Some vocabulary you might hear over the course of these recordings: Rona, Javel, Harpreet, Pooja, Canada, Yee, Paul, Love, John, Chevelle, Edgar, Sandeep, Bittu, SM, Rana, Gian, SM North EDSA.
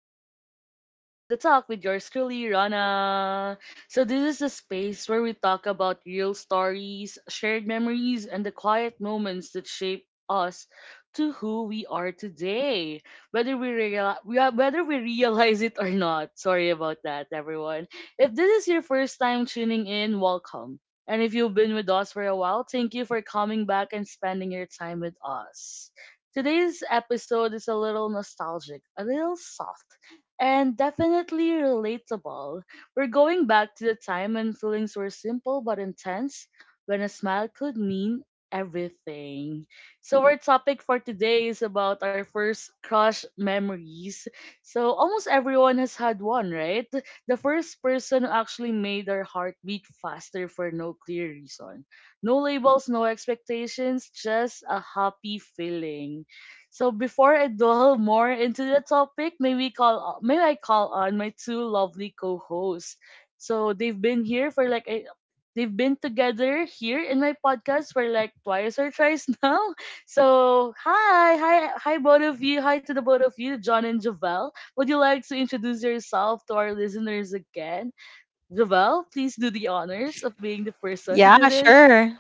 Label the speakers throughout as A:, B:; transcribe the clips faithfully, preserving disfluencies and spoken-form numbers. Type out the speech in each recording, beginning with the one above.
A: episode of Talk the Talk with yours truly, Rana. So this is the space where we talk about real stories, shared memories, and the quiet moments that shape us to who we are today. Whether we real- we are- whether we realize it or not. Sorry about that, everyone. If this is your first time tuning in, welcome. And if you've been with us for a while, thank you for coming back and spending your time with us. Today's episode is a little nostalgic, a little soft, and definitely relatable. We're going back to the time when feelings were simple but intense, when a smile could mean everything. So, our topic for today is about our first crush memories. So, almost everyone has had one, right? The first person who actually made their heart beat faster for no clear reason. No labels, no expectations, just a happy feeling. So before I delve more into the topic, may we call may I call on my two lovely co-hosts. So they've been here for like a, they've been together here in my podcast for like twice or thrice now. So hi, hi, hi, both of you. Hi to the both of you, John and Javel. Would you like to introduce yourself to our listeners again? Javel, please do the honors of being the first one to
B: Yeah,
A: do this.
B: sure.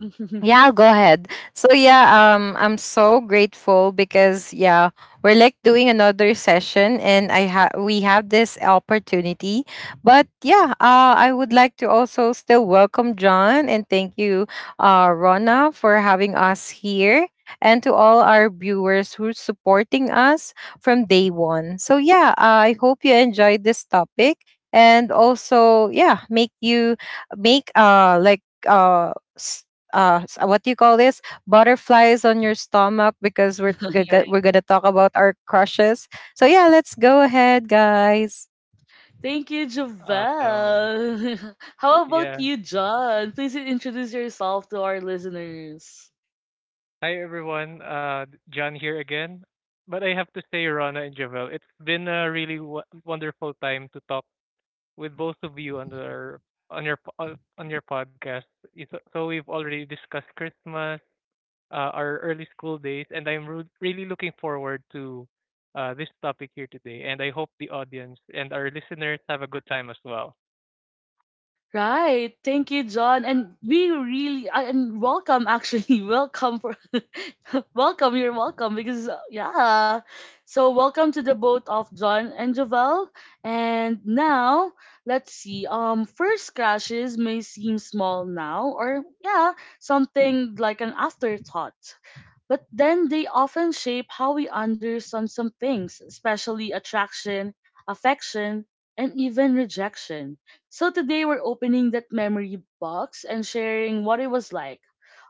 B: Yeah, go ahead. So yeah, um I'm so grateful because, yeah, we're like doing another session and I have we have this opportunity. But yeah, uh I would like to also still welcome John and thank you, uh Rona, for having us here and to all our viewers who's supporting us from day one. So yeah, uh, I hope you enjoyed this topic, and also, yeah, make you make uh like uh uh s- what do you call this, butterflies on your stomach, because we're g- g-
A: All
B: we're gonna talk about our crushes. So yeah, let's go ahead, guys.
A: Thank you,
C: Awesome.
A: Javel. How about
C: Yeah.
A: you, John? Please introduce yourself to our listeners.
C: Hi, everyone. Uh, John here again. But I have to say, Rana and Javel, it's been a really w- wonderful time to talk with both of you on your on your po- on on your podcast. You- So so we've already discussed Christmas, uh, our early school days, and I'm ru- really looking forward to uh, this topic here today. And I hope the audience and our listeners have a good time as well.
A: Right. Thank you, John. And we really uh, and welcome actually. Welcome for welcome, you're welcome because uh, yeah. So welcome to the both of John and Javel. And now let's see. Um first crashes may seem small now, or yeah, something like an afterthought. But then they often shape how we understand some things, especially attraction, affection, and even rejection. So today we're opening that memory box and sharing what it was like.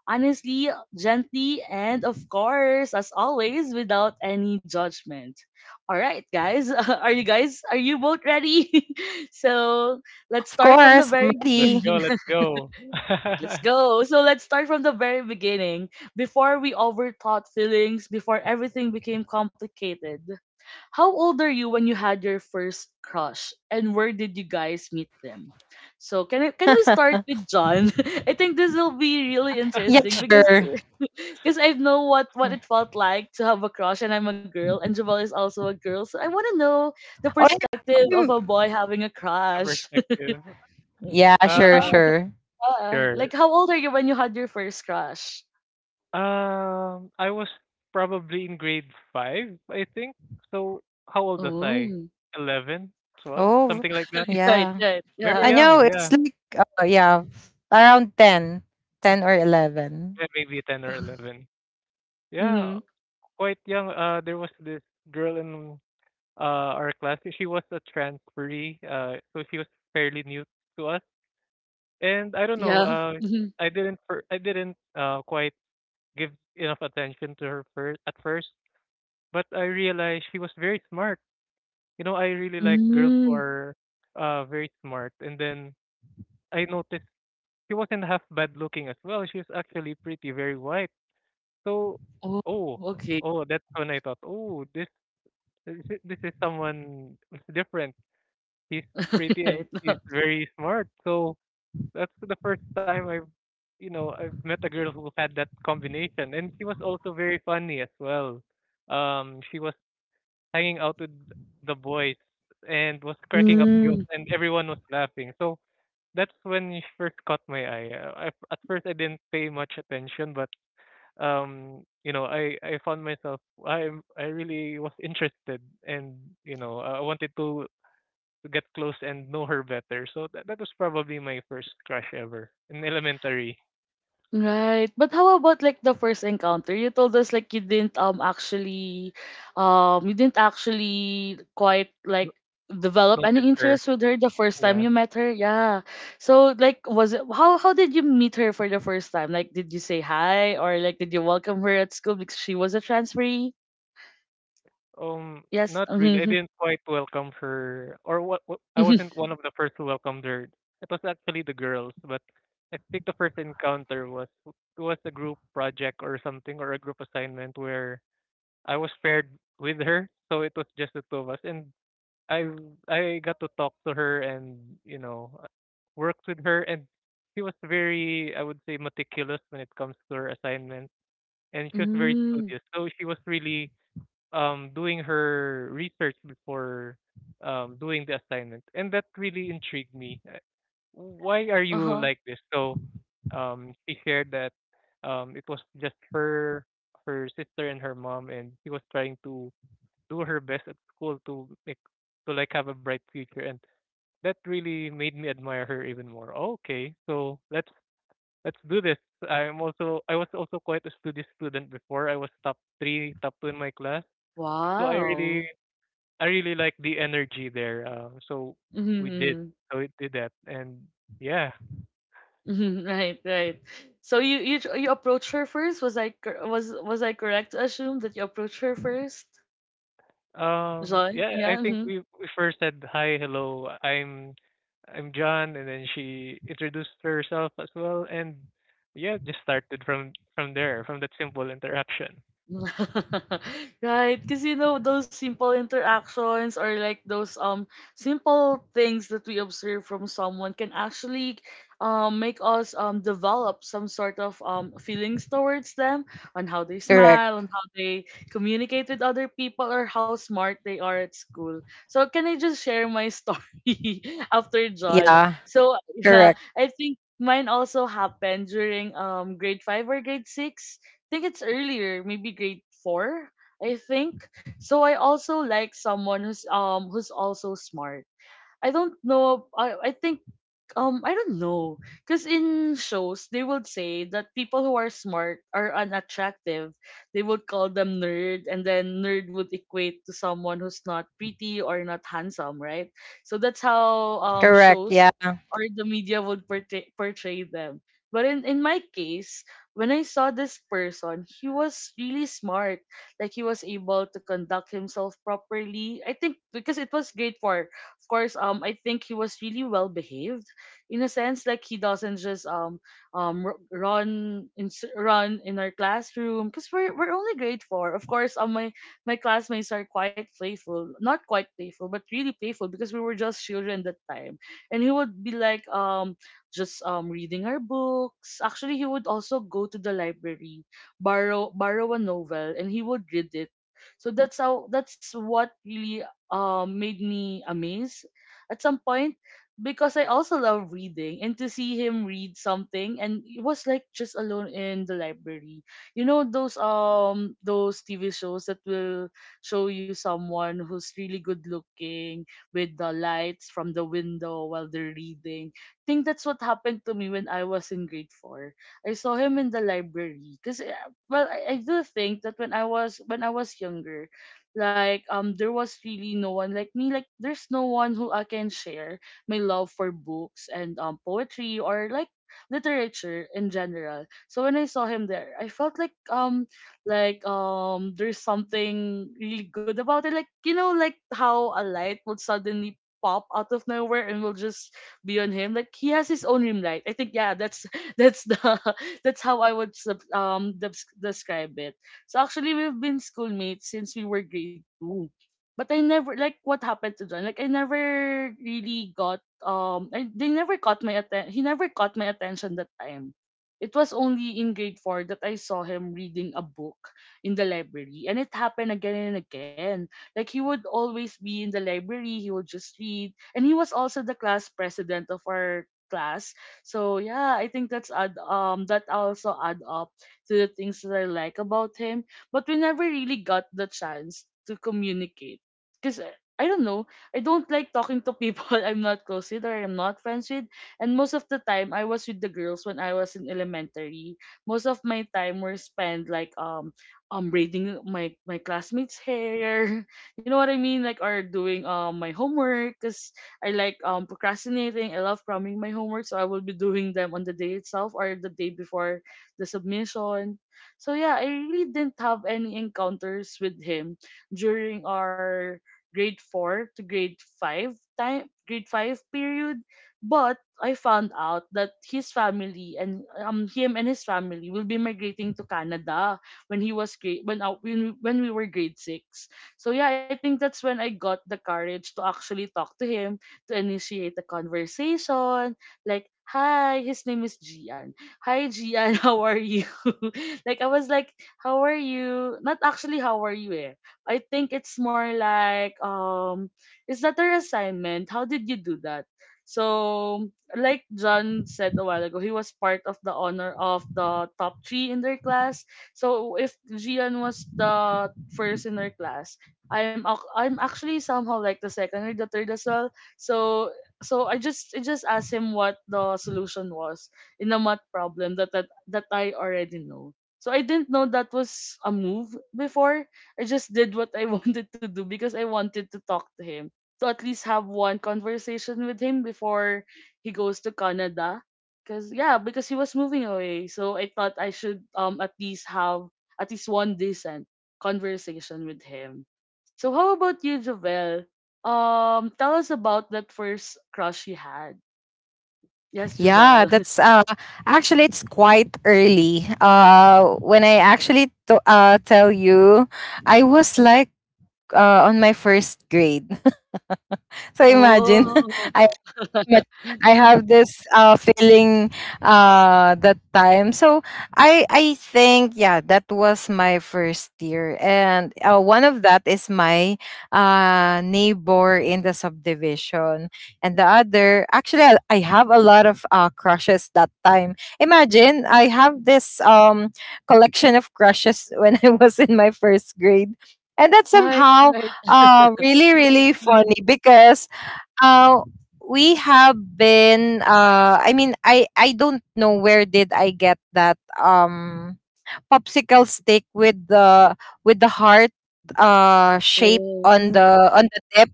A: Honestly, gently, and of course, as always, without any judgment. All right, guys, are you guys, are you both ready? So
B: Of
A: let's start
B: course,
A: from the
B: I'm
A: very
B: ready.
C: Let's go.
A: beginning.
C: Let's go.
A: Let's go. So let's start from the very beginning. Before we overthought feelings, before everything became complicated. How old are you when you had your first crush? And where did you guys meet them? So can I, can we start with John? I think this will be really
C: The
B: Yeah,
A: interesting because
B: sure.
A: because I know what what it felt like to have a crush, and I'm a girl and Jabal is also a girl. So I want to know the
B: Oh, yeah.
A: perspective
B: Or-
A: of
B: or
A: a boy having a crush.
C: perspective.
B: yeah,
A: Yeah.
B: sure,
C: uh.
B: sure.
A: Yeah. Like,
C: Sure.
A: how old are you when you had your first crush?
C: Um, I was probably in grade five, I think. So how old was I?
A: Oh.
C: Eleven, twelve,
B: Oh,
C: something like that.
A: Right,
B: yeah,
A: right.
C: Very
B: I
A: Yeah.
B: know.
C: young,
B: It's
C: yeah.
B: like, uh, yeah, around ten, ten or eleven.
C: Yeah, maybe ten or eleven. Yeah,
A: Mm-hmm.
C: quite young. Uh, there was this girl in uh our class. She was a transferee. Uh, so she was fairly new to us. And I don't know.
A: Yeah.
C: Uh,
A: Mm-hmm.
C: I didn't fir- I didn't uh quite give enough attention to her first at first, but I realized she was very smart. You know, I really like girls who
A: Mm.
C: are uh very smart. And then I noticed she wasn't half bad looking as well. She was actually pretty, very white. So,
A: Oh,
C: oh,
A: okay.
C: oh, that's when I thought, oh, this this is this is someone different. He's pretty and
A: Right.
C: he's very smart. So that's the first time I've you know I've met a girl who had that combination, and she was also very funny as well. Um, she was hanging out with the boys and was cracking up jokes
A: Mm.
C: and everyone was laughing. So that's when you first caught my eye. Uh, I, at first I didn't pay much attention, but um, you know, I I found myself. I I really was interested, and you know I wanted to to get close and know her better. So that that was probably my first crush ever in elementary.
A: Right. But how about like the first encounter? You told us like you didn't um actually um you didn't actually quite
C: No-
A: like develop
C: Noticed
A: any
C: her,
A: interest with her the first time
C: yeah.
A: you met her. Yeah. So like was it how how did you meet her for the first time? Like did you say hi, or like did you welcome her at school because she was a transferee?
C: Um,
A: Yes.
C: not really. I
A: Mm-hmm.
C: didn't quite welcome her, or what, what? I
A: Mm-hmm.
C: wasn't one of the first who welcomed her. It was actually the girls, but I think the first encounter was it was a group project or something or a group assignment where I was paired with her, so it was just the two of us, and I I got to talk to her and you know uh, worked with her, and she was very, I would say, meticulous when it comes to her assignment, and she was very
A: Mm.
C: studious, so she was really um, doing her research before um, doing the assignment, and that really intrigued me. Uh, Why are you
A: Uh-huh.
C: like this? So um, she shared that um, it was just her, her sister, and her mom, and she was trying to do her best at school to make to like have a bright future, and that really made me admire her even more. Okay, so let's let's do this. I'm also I was also quite a studious student before. I was top three, top two in my class. So I really
A: Wow.
C: I really like the energy there. Uh, so
A: Mm-hmm.
C: we did,
A: Mm-hmm.
C: so we did that, and yeah,
A: Mhm. Right, right. So you you tr- you approached her first. Was I cor- was was I correct to assume that you approached her first,
C: um,
A: John?
C: yeah,
A: Yeah.
C: I think
A: Mm-hmm.
C: we we first said hi, hello. I'm I'm John, and then she introduced herself as well, and yeah, just started from from there, from that simple interaction.
A: Right, because you know those simple interactions, or like those um simple things that we observe from someone can actually um make us um develop some sort of um feelings towards them, on how they smile,
B: Correct,
A: on how they communicate with other people, or how smart they are at school. So can I just share my story after John,
B: yeah.
A: so yeah,
B: Correct,
A: I think mine also happened during um grade five or grade six. Think it's earlier, maybe grade four, I think. So I also like someone who's um who's also smart. I don't know. I I think um, I don't know. Because in shows, they would say that people who are smart are unattractive. They would call them nerd, and then nerd would equate to someone who's not pretty or not handsome, right? So that's how um
B: correct,
A: shows
B: yeah.
A: or the media would portray, portray them. But in, in my case, when I saw this person, he was really smart. Like he was able to conduct himself properly. I think because it was grade four, of course, um, I think he was really well behaved, in a sense, like he doesn't just um um r- run in s- run in our classroom because we're we're only grade four. Of course, um, my my classmates are quite playful, not quite playful, but really playful because we were just children that time. And he would be like um just um reading our books. Actually, he would also go to the library, borrow borrow a novel, and he would read it. So that's how that's what really um made me amazed at some point, because I also love reading, and to see him read something, and it was like just alone in the library. You know those um those T V shows that will show you someone who's really good looking, with the lights from the window while they're reading. I think that's what happened to me when I was in grade four. I saw him in the library, cuz well, I, I do think that when I was when I was younger, like um there was really no one like me, like there's no one who I can share my love for books and um, poetry, or like literature in general. So when I saw him there, I felt like um like um there's something really good about it. Like, you know, like how a light would suddenly pop out of nowhere and will just be on him. Like he has his own rim light. I think, yeah, that's that's the that's how I would sub, um dubs- describe it. So actually, we've been schoolmates since we were grade two. But I never, like what happened to John. Like I never really got um I, they never caught my atten- he never caught my attention that time. It was only in grade four that I saw him reading a book in the library, and it happened again and again. Like he would always be in the library, he would just read, and he was also the class president of our class. So yeah, I think that's add um that also add up to the things that I like about him, but we never really got the chance to communicate, because I don't know, I don't like talking to people I'm not close with or I'm not friends with. And most of the time, I was with the girls when I was in elementary. Most of my time were spent like um um braiding my my classmates' hair. You know what I mean? Like, or doing um my homework, because I like um procrastinating. I love cramming my homework, so I will be doing them on the day itself or the day before the submission. So yeah, I really didn't have any encounters with him during our grade four to grade five time grade five period, but I found out that his family and um him and his family will be migrating to Canada when he was grade when uh, when, when we were grade six. So yeah, I think that's when I got the courage to actually talk to him, to initiate the conversation, like, hi, his name is Gian, hi Gian, how are you? Like I was like, how are you, not actually how are you, eh. I think it's more like, um is that their assignment? How did you do that? So like John said a while ago, he was part of the honor of the top three in their class. So if Gian was the first in their class, I'm ac- I'm actually somehow like the second or the third as well. So so I just I just asked him what the solution was in a math problem that that, that I already know. So I didn't know that was a move before. I just did what I wanted to do, because I wanted to talk to him, to at least have one conversation with him before he goes to Canada. Cause yeah, because he was moving away, so I thought I should um at least have at least one decent conversation with him. So how about you, Javel? Um, tell us about that first crush you had. Yes,
B: Yeah,
A: Javel.
B: that's, uh actually, it's quite early. Uh when I actually to, uh tell you, I was like, uh on my first grade. So imagine,
A: Oh.
B: I but I have this uh feeling uh that time. So i i think, yeah, that was my first year, and, uh, one of that is my, uh neighbor in the subdivision. And the other, actually, i, I have a lot of uh crushes that time. Imagine, I have this um collection of crushes when I was in my first grade. And that's
A: Right,
B: somehow,
A: right.
B: uh, really, really funny because, uh, we have been. Uh, I mean, I I don't know where did I get that um popsicle stick with the, with the heart uh shape
A: Oh,
B: on the, on the tip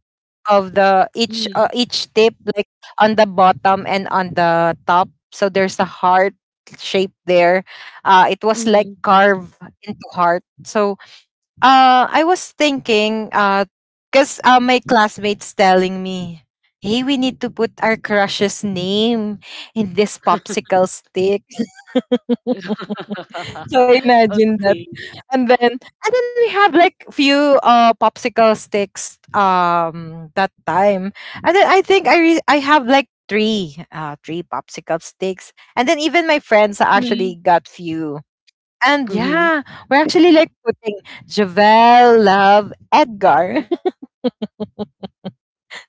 B: of the each, uh, each tip, like, on the bottom and on the top. So there's a heart shape there. Uh, it was like
A: mm-hmm.
B: carved into heart. So, uh, I was thinking, uh, cause, uh, my classmates telling me, "Hey, we need to put our crush's name in this popsicle stick." So imagine that.
A: Okay.
B: And then and then we have like few uh popsicle sticks um that time. And then I think I re- I have like three uh three popsicle sticks, and then even my friends actually
A: Mhm.
B: got few. And
A: Mhm.
B: yeah, we're actually like putting Javel, Love, Edgar.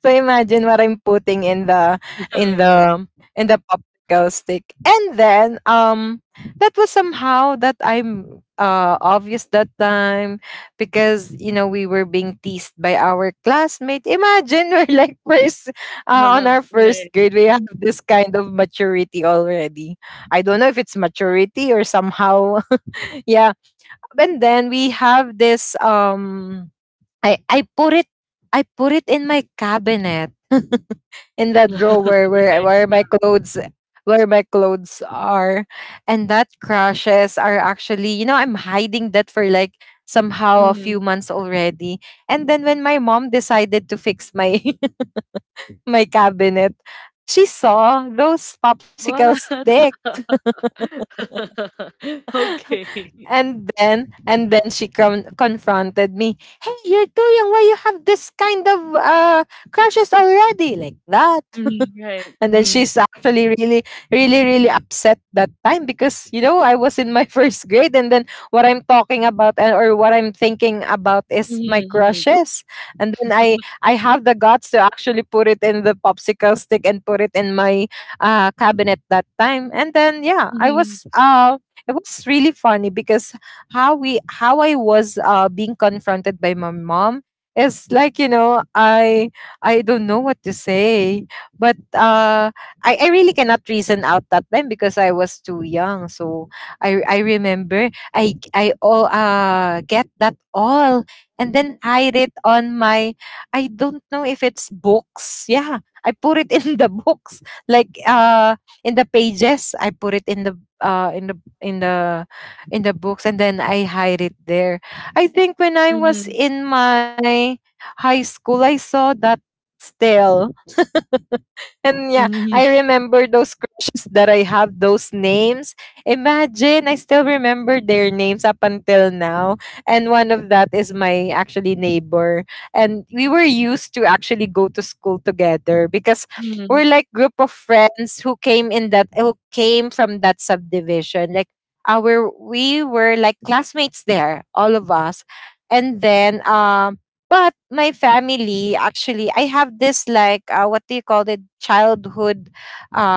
B: So imagine what I'm putting in the
A: Yeah,
B: in
A: yeah.
B: the in the popsicle stick. And then, um that was somehow that I'm, uh obvious that time because, you know, we were being teased by our classmate. Imagine, we're like first uh, on
A: Uh,
B: our first
A: right.
B: grade, we have this kind of maturity already. I don't know if it's maturity or somehow. Yeah. And then we have this, um I I put it, I put it in my cabinet, in that drawer where
A: Right.
B: where my clothes where my clothes are. And that crushes are actually, you know, I'm hiding that for like somehow a few
A: Mhm.
B: months already. And then when my mom decided to fix my, my cabinet, she saw those popsicle
A: What?
B: stick.
A: Okay.
B: and then and then she, con- confronted me. "Hey, you're too young. Why you have this kind of uh crushes already like that?"
A: Mhm. Right.
B: And then she's
A: Mhm.
B: actually really, really, really upset that time because, you know, I was in my first grade. And then what I'm talking about, and or what I'm thinking about, is my
A: Mhm.
B: crushes. And then I I have the guts to actually put it in the popsicle stick and put it in my, uh, cabinet that time. And then, yeah, I
A: Mhm.
B: was uh it was really funny because how we how I was, uh being confronted by my mom is like, you know, I I don't know what to say. But, uh, I, I really cannot reason out that time because I was too young. So I I remember, I I all, uh get that all, and then hide it on my, I don't know if it's books. Yeah, I put it in the books. Like, uh in the pages. I put it in the, uh in the in the in the books, and then I hide it there. I think when I was
A: Mhm.
B: in my high school, I saw that still. And yeah,
A: Mhm.
B: I remember those crushes that I have, those names. Imagine, I still remember their names up until now. And one of that is my actually neighbor. And we were used to actually go to school together because we're
A: Mhm.
B: like group of friends who came in that, who came from that subdivision. Like, our we were like classmates there, all of us. And then, um but my family, actually, I have this like, uh, what do you call it, childhood,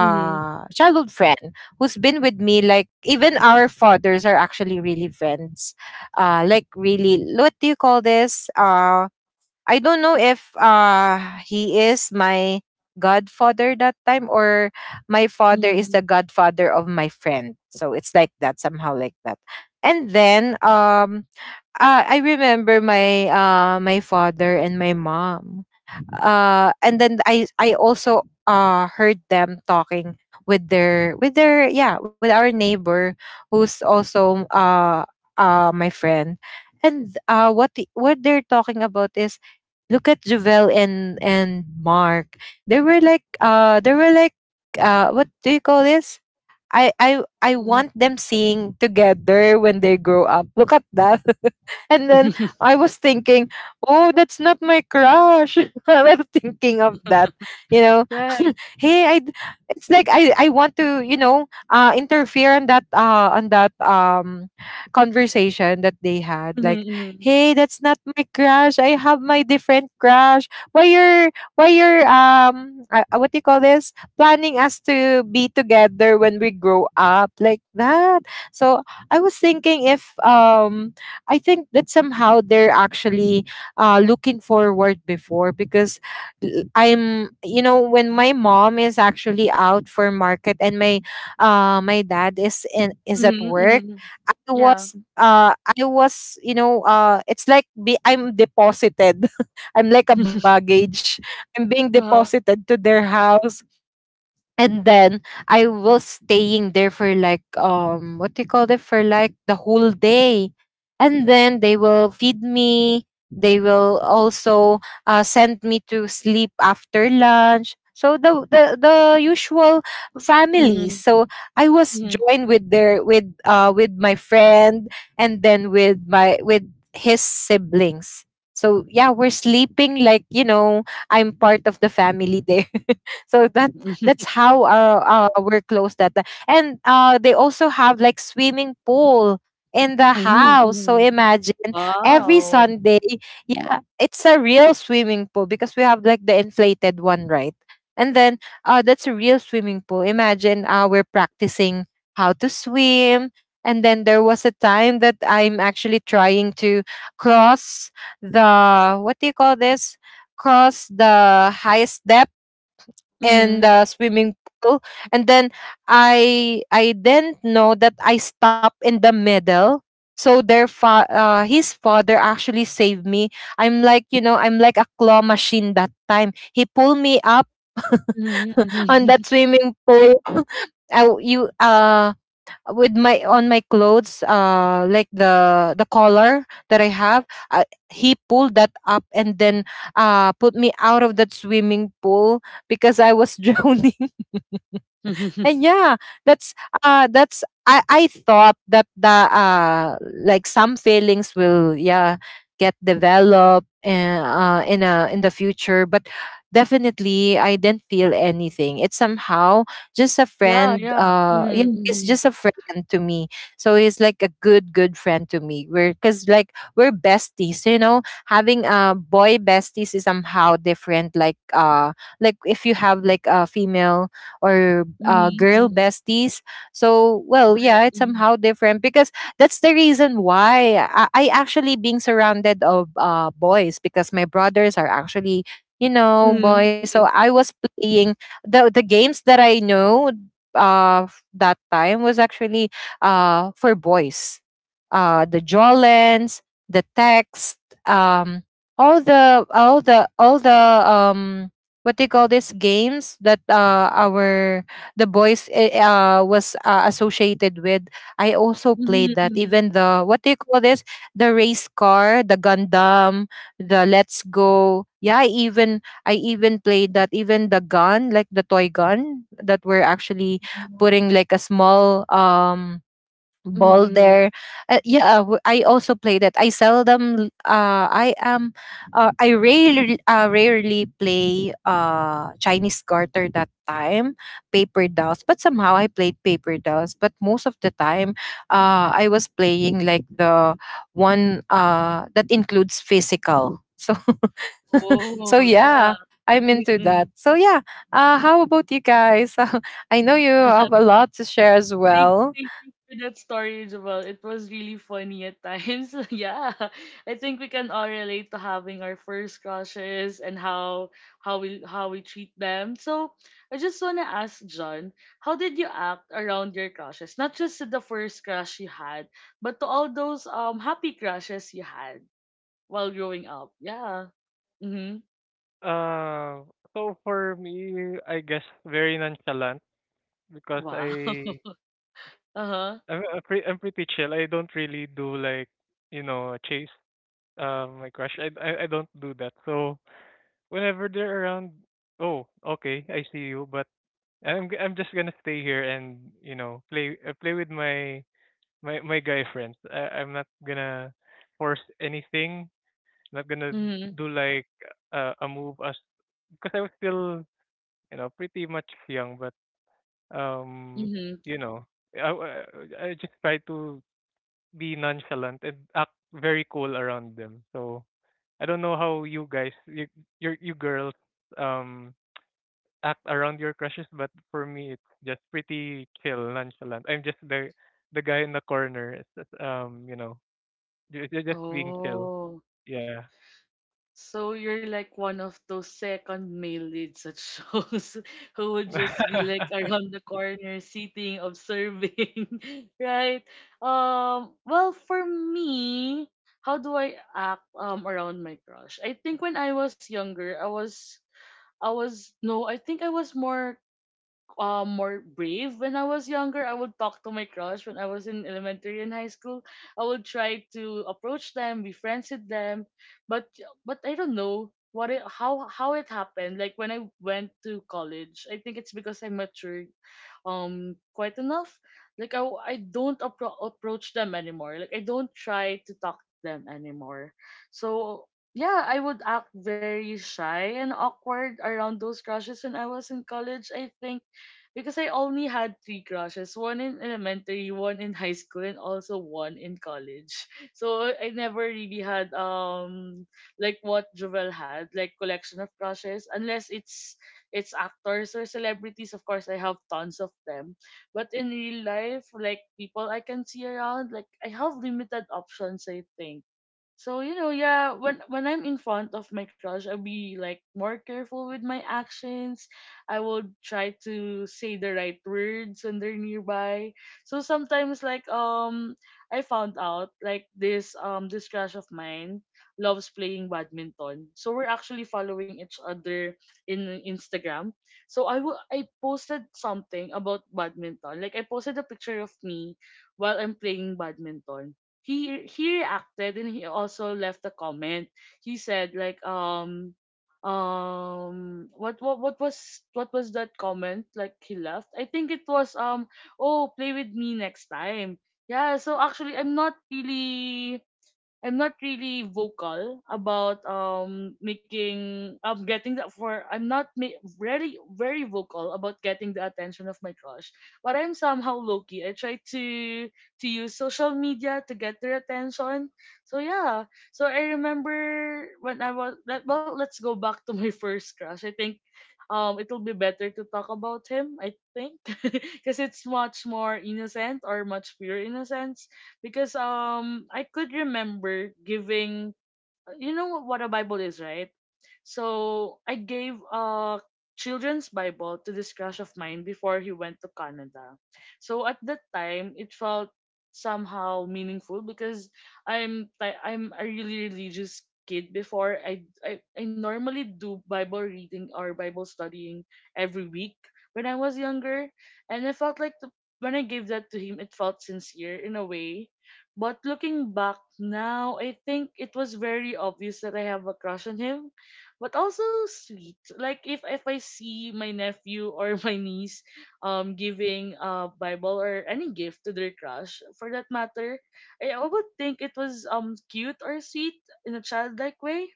A: Mhm.
B: childhood friend who's been with me. Like, even our fathers are actually really friends. Uh, like really, what do you call this? Uh, I don't know if, uh he is my godfather that time, or my father is the
A: Mhm.
B: godfather of my friend. So it's like that, somehow like that. And then, um uh, I remember my, uh my father and my mom. Uh and then I I also, uh heard them talking with their, with their yeah, with our neighbor who's also, uh uh my friend. And, uh what the, what they're talking about is, "Look at Javel and, and Mark. They were like, uh they were like, uh what do you call this? I I I
A: Mhm. Mhm.
B: want them singing together when they grow up. Look at that." And then I was thinking, "Oh, that's not my crush." I was thinking of that. You know,
A: Right.
B: hey i d- it's like, i I want to, you know, uh interfere on that, uh on that um conversation that they had.
A: Mhm.
B: Like,
A: Mhm.
B: "Hey, that's not my crush. I have my different crush. Why you're why you're, um uh, uh, what do you call this, planning us to be together when we grow up like that?" So I was thinking, if, um I think that somehow they're actually, uh looking forward before because, l- I'm, you know, when my mom is actually out for market, and my, uh my dad is in is at
A: Mhm.
B: work,
A: Mhm.
B: I
A: Yeah.
B: was uh I was, you know, uh it's like, be, I'm deposited. I'm like a baggage. I'm being
A: Uh-huh.
B: deposited to their house. And then I was staying there for like, um what do you call it, for like the whole day. And then they will feed me. They will also, uh, send me to sleep after lunch. So the, the the usual
A: Mhm.
B: families. So I was
A: Mhm.
B: joined with their, with uh with my friend, and then with my with his siblings. So yeah, we're sleeping like, you know, I'm part of the family there. So that,
A: Mhm.
B: that's how, uh, uh, we're close that time. And, uh, they also have like swimming pool in the house. So
A: Mhm.
B: imagine every
A: Wow.
B: Sunday, yeah, it's a real swimming pool, because we have like the inflated one, right? And then, uh, that's a real swimming pool. Imagine, uh, we're practicing how to swim. And then there was a time that I'm actually trying to cross the, what do you call this, cross the highest depth and
A: Mhm.
B: the swimming pool. And then i i didn't know that I stopped in the middle. So their fa- uh, his father actually saved me. I'm like, you know, I'm like a claw machine that time. He pulled me up
A: Mhm,
B: on that
A: mhm.
B: swimming pool. I, w- you uh with my, on my clothes, uh like the, the collar that I have, uh, he pulled that up, and then, uh put me out of that swimming pool because I was drowning. And yeah, that's, uh that's, I I thought that the, uh like, some feelings will, yeah, get developed in, uh in a in the future. But definitely I didn't feel anything. It's somehow just a
A: Yeah,
B: friend,
A: yeah.
B: uh yeah,
A: Mhm,
B: it's
A: mhm.
B: just a friend to me. So he's like a good, good friend to me. We're cuz like we're besties, you know. Having, uh boy besties is somehow different, like, uh like if you have like a female or, uh,
A: Mhm,
B: girl
A: mhm.
B: besties. So, well,
A: Right.
B: yeah, it's
A: Mhm.
B: somehow different because that's the reason why I, I actually being surrounded of, uh, boys, because my brothers are actually, you know,
A: Mhm,
B: boys. So
A: mhm.
B: I was playing the, the games that I know, uh f- that time was actually, uh for boys, uh, the jaw lens, the text, um, all the, all the all the, um, what do you call this, games that, uh, our, the boys, eh, uh, was, uh, associated with. I also played
A: Mhm,
B: that.
A: mhm.
B: Even the, what do you call this, the race car, the Gundam, the Let's Go. Yeah, I even I even played that. Even the gun, like the toy gun that we're actually putting like a small, um
A: Mhm,
B: ball
A: mhm.
B: there. Uh, yeah, w- I also play that. I seldom. Uh, I am. Uh, I rarely, uh, rarely play uh Chinese garter that time, paper dolls. But somehow I played paper dolls. But most of the time, uh, I was playing like the one uh that includes physical. So, so
A: Oh, yeah.
B: yeah. I'm into
A: Mhm,
B: that. So yeah, uh, how about you guys? I know you
A: mhm.
B: have a lot to share as
A: Thank,
B: well.
A: thank you for that story, Joel. It was really funny at times. Yeah, I think we can all relate to having our first crushes and how how we how we treat them. So I just wanna ask John, how did you act around your crushes? Not just to the first crush you had, but to all those um happy crushes you had while growing up. Yeah. Mhm.
C: Uh, so for me, I guess very nonchalant because
A: Wow.
C: I
A: Uh huh.
C: I'm, I'm pretty I'm pretty chill. I don't really do like you know chase uh, my crush. I, I I don't do that. So whenever they're around, oh, okay, I see you, but I'm g- I'm just gonna stay here and you know play uh, play with my my my guy friends. I, I'm not gonna force anything. Not gonna do
A: Mhm.
C: like, uh, a move, as because I was still you know pretty much young, but um
A: Mhm.
C: you know I I I just try to be nonchalant and act very cool around them. So I don't know how you guys, you you, you girls, um, act around your crushes, but for me, it's just pretty chill, nonchalant. I'm just the the guy in the corner, it's just, um, you know, ju- ju- just being chill.
A: Oh.
C: Yeah.
A: So you're like one of those second male leads at shows, who would just be like around the corner sitting, observing, right? Um, well, for me, how do I act um around my crush? I think when I was younger, I was I was no, I think I was more um more brave when I was younger. I would talk to my crush when I was in elementary and high school. I would try to approach them, be friends with them, but but I don't know what it, how how it happened. Like when I went to college, I think it's because I matured um quite enough. Like I I don't appro- approach them anymore. Like I don't try to talk to them anymore. So yeah, I would act very shy and awkward around those crushes when I was in college. I think because I only had three crushes, one in elementary, one in high school, and also one in college. So I never really had um like what Jovel had, like collection of crushes, unless it's it's actors or celebrities. Of course, I have tons of them, but in real life, like people I can see around, like I have limited options, I think. So, you know, yeah, when when I'm in front of my crush, I'll be like more careful with my actions. I will try to say the right words when they're nearby. So sometimes like um I found out like this um this crush of mine loves playing badminton. So we're actually following each other in Instagram. So I will I posted something about badminton. Like I posted a picture of me while I'm playing badminton. he he reacted and he also left a comment. He said like, um um what what what was what was that comment like he left? I think it was, um oh, play with me next time. Yeah, so actually I'm not really I'm not really vocal about um making of getting that, for I'm not ma- really very vocal about getting the attention of my crush, but I'm somehow low key. I try to to use social media to get their attention. So yeah, so I remember when I was, let well, let's go back to my first crush. I think, um, it will be better to talk about him, I think, because it's much more innocent or much pure innocence. Because, um, I could remember giving, you know what a Bible is, right? So I gave a children's Bible to this crush of mine before he went to Canada. So at that time, it felt somehow meaningful because I'm ti- I'm a really religious kid before. I I, I normally do Bible reading or Bible studying every week when I was younger, and I felt like the, when I gave that to him, it felt sincere in a way, but looking back now, I think it was very obvious that I have a crush on him, but also sweet. Like if if I see my nephew or my niece um giving a Bible or any gift to their crush, for that matter, I I would think it was um cute or sweet in a childlike way.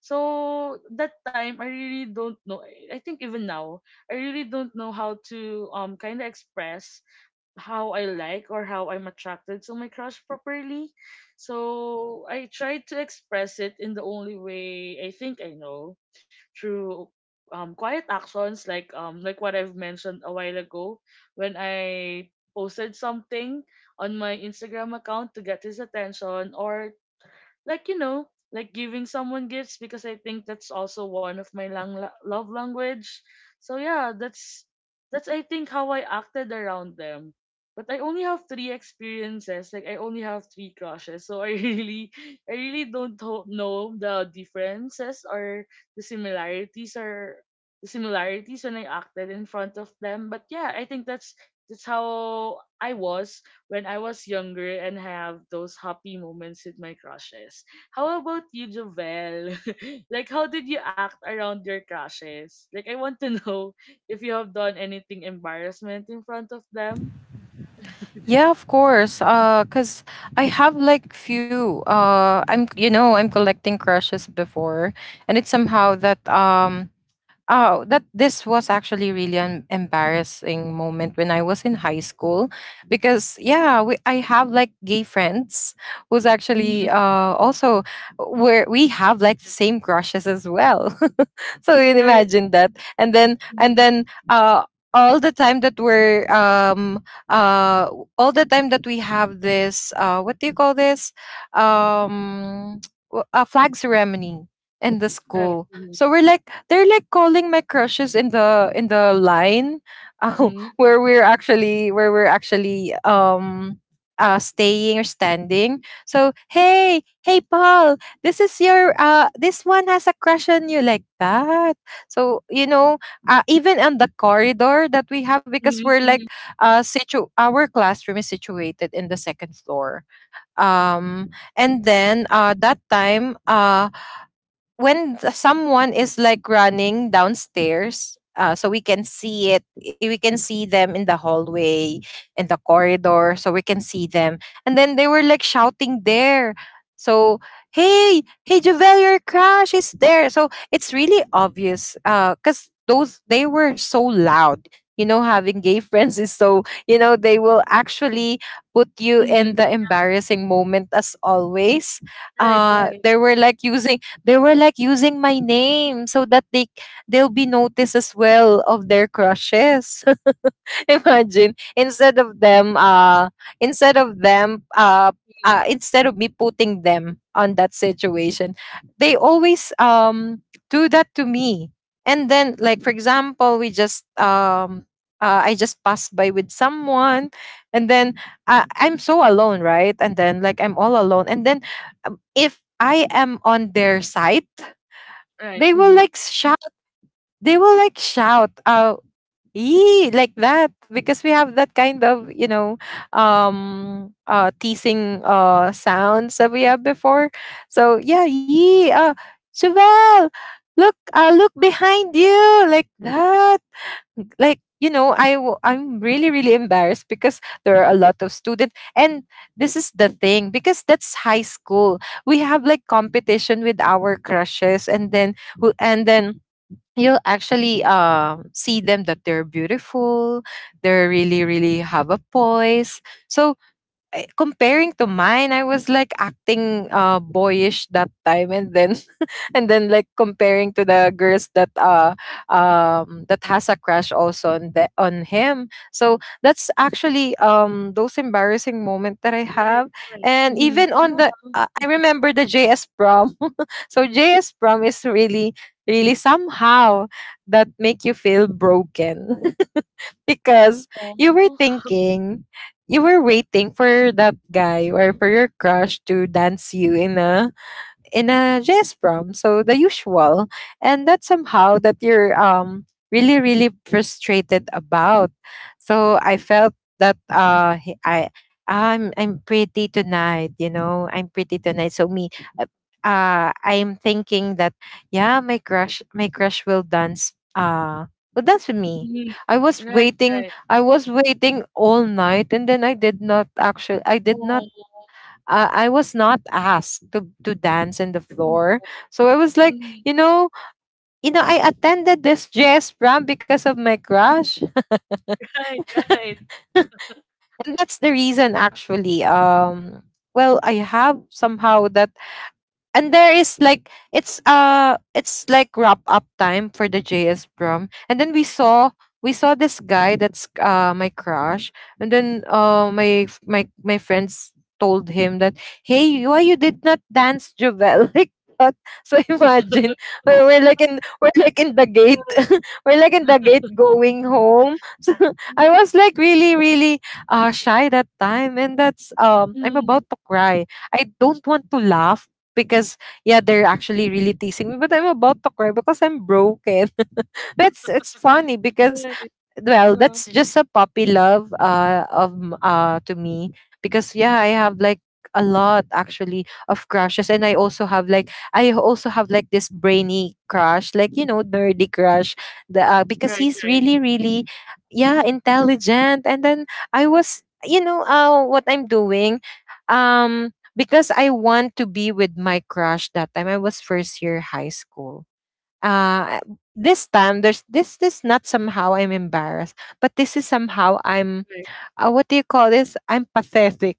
A: So that time I really don't know. I I think even now I really don't know how to um kind of express how I like or how I'm attracted to my crush properly. So I try to express it in the only way I think I know, through um, quiet actions, like um like what I've mentioned a while ago when I posted something on my Instagram account to get his attention, or like you know like giving someone gifts, because I think that's also one of my lang- la- love language. So yeah, that's that's I think how I acted around them. But I only have three experiences, like I only have three crushes, so I really i really don't ho- know the differences, or the similarities, or the similarities when I acted in front of them. But yeah, I think that's that's how I was when I was younger and have those happy moments with my crushes. How about you, Jovel? Like, how did you act around your crushes? Like, I want to know if you have done anything embarrassment in front of them.
B: Yeah, of course. Uh, cause I have like few. Uh, I'm you know I'm collecting crushes before, and it's somehow that um oh, that this was actually really an embarrassing moment when I was in high school because yeah, we, I have like gay friends who's actually
A: Hmm.
B: uh also where we have like the same crushes as well. So you can
A: Right.
B: imagine that. And then and
A: Mhm.
B: then uh all the time that we're um uh w- all the time that we have this uh what do you call this, um w- a flag ceremony in the
A: Right.
B: school,
A: Mm-hmm.
B: so we're like, they're like calling my crushes in the in the line, uh, where we're actually where we're actually um uh staying or standing. So, hey, hey, Paul, this is your uh this one has a crush on you, like that. So you know, uh, even on the corridor that we have, because we're
A: Mm-hmm.
B: like,
A: Mm-hmm.
B: uh situ our classroom is situated in the second floor, um and then uh that time, uh when th- someone is like running downstairs, uh, so we can see it, eh, we can see them in the hallway, in the corridor, so we can see them. And then they were like shouting there. So, hey, hey, Javel, your crush is there. So it's really obvious, uh because those, they were so loud. You know, having gay friends is, so you know, they will actually put you in
A: Mm-hmm.
B: the embarrassing moment as always.
A: Right.
B: Uh
A: Right.
B: they were like using, They were like using my name so that they, they'll be noticed as well of their crushes. Imagine, instead of them uh instead of them uh,
A: Mm-hmm.
B: uh instead of me putting them on that situation, they always um do that to me. And then, like, for example, we just um uh, I just passed by with someone, and then uh, I'm so alone, right? And then, like, I'm all alone. And then um, if I am on their side,
A: Right.
B: they will
A: Mm-hmm.
B: like shout. They will like shout. Uh Yee, like that, because we have that kind of, you know, um uh teasing uh sounds that we have before. So yeah, yee, uh Chevelle, look, uh look behind you, like that. Like, you know, I w- I'm really, really embarrassed because there are a lot of students, and this is the thing, because that's high school, we have like competition with our crushes, and then who and then you'll actually, um, see them, that they're beautiful, they're really really have a poise. So, eh, comparing to mine, I was like acting, uh, boyish that time, and then and then like comparing to the girls that uh um that has a crush also on the on him. So that's actually, um those embarrassing moment that I
A: Right.
B: have.
A: Right.
B: And
A: Mm-hmm.
B: even on the
A: Yeah.
B: uh, I remember the JS prom. So JS prom is really, really somehow that make you feel broken. Because you were
A: Oh.
B: thinking, you were waiting for that guy or for your crush to dance you in a, in a jazz prom, so the usual, and that's somehow that you're, um really really frustrated about. So I felt that uh he- I, I'm I'm pretty tonight, you know, I'm pretty tonight. So me. Uh, uh, I'm thinking that, yeah, my crush, my crush will dance. Uh, will dance with me.
A: Mm-hmm.
B: I was
A: Right.
B: waiting.
A: Right.
B: I was waiting all night, and then I did not actually. I did not
A: Oh.
B: uh, I was not asked to to dance in the
A: You
B: floor.
A: know.
B: So I was like,
A: Mm-hmm.
B: you know, you know, I attended this jazz prom because of my crush,
A: Right.
B: and that's the reason actually. Um, well, I have somehow that, and there is like, it's uh it's like wrap up time for the J S prom. And then we saw, we saw this guy that's uh my crush. And then uh my f- my my friends told him that, hey, you, why you did not dance Jovel? Like that. So, imagine, we're, we're like in we're like in the gate,
A: Right.
B: we're like in the gate going home. So
A: Mm,
B: I was like really, really uh shy that time, and that's, um I'm
A: mm.
B: about to cry. I don't want to laugh because yeah, they're actually really teasing me, but I'm about to cry because I'm broken. But it's, it's funny because,
A: Right,
B: well,
A: uh-huh.
B: that's just a puppy love uh of m- uh to me. Because yeah, I have like a lot actually of crushes, and i also have like i also have like this brainy crush, like you know, nerdy crush. The uh, Because
A: Right,
B: he's
A: right,
B: really really, yeah, intelligent. And then I was, you know, uh what I'm doing, um because I want to be with my crush that time, I was first year high school. Uh this time there's this This not somehow I'm embarrassed, but this is somehow I'm,
A: right.
B: uh, what do you call this, I'm pathetic.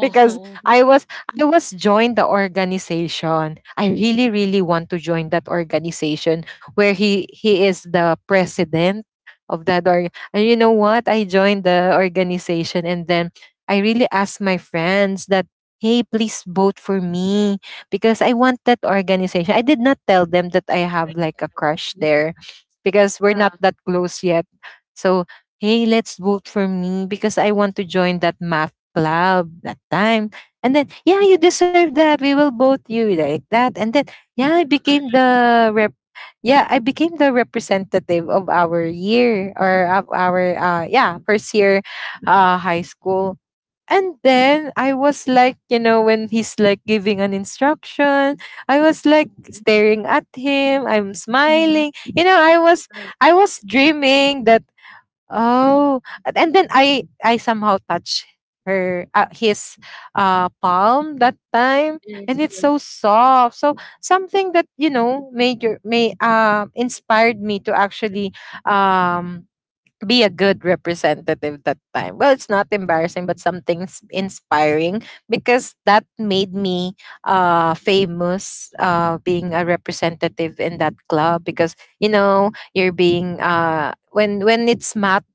B: Because I was, I was joined the organization. I really really want to join that organization where he he is the president of that org. And you know what? I joined the organization, and then I really asked my friends that, hey, please vote for me because I want that organization. I did not tell them that I have
A: right.
B: like a crush
A: Mm.
B: there because we're
A: Yeah.
B: not that close yet. So, hey, let's vote for me because I want to join that mafia club that time. And then, yeah, you deserve that. We will vote you, like that. And then, yeah, I became the rep. Yeah, I became the representative of our year, or of our uh yeah, first year uh high school. And then I was like, you know, when he's like giving an instruction, I was like
A: Mhm.
B: staring at him. I'm
A: Mhm.
B: smiling. You know, I was,
A: Right.
B: I was dreaming that, oh, a- and then I I somehow touch her, uh, his uh palm that time,
A: Yes,
B: and it's so
A: yes.
B: soft. So something that, you know, made your, may um inspired me to actually, um be a good representative that time. Well, it's not embarrassing, but something's inspiring because that made me, uh, famous, uh, being a representative in that club. Because, you know, you're being, uh, when when it's math,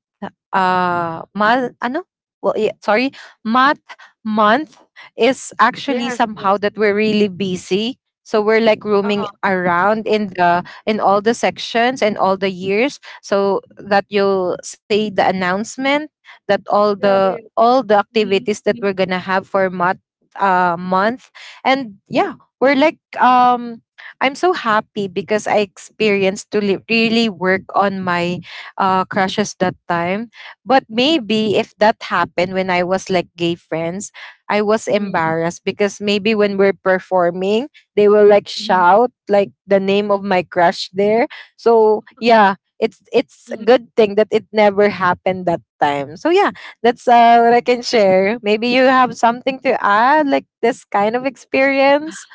B: uh, mal ano, well yeah, sorry, math month, is actually
A: Yes, yes.
B: somehow that
A: Mm-hmm.
B: we're really busy. So we're like
A: Uh-huh.
B: roaming around in the, in all the sections and all the years, so that you say the announcement that all
A: Yeah, yeah.
B: the, all the
A: Mm-hmm.
B: activities that we're gonna have for month, uh month. And yeah, we're like, um I'm so happy because I experienced to li- really work on my uh crushes that time. But maybe if that happened when I was like gay friends, I was
A: Mm-hmm.
B: embarrassed because maybe when we're performing, they will like
A: Mm-hmm.
B: shout, like the name of my crush there. So yeah, it's it's a
A: Mm-hmm.
B: good thing that it never happened that time. So yeah, that's uh, what I can share. Maybe you have something to add, like this kind of experience.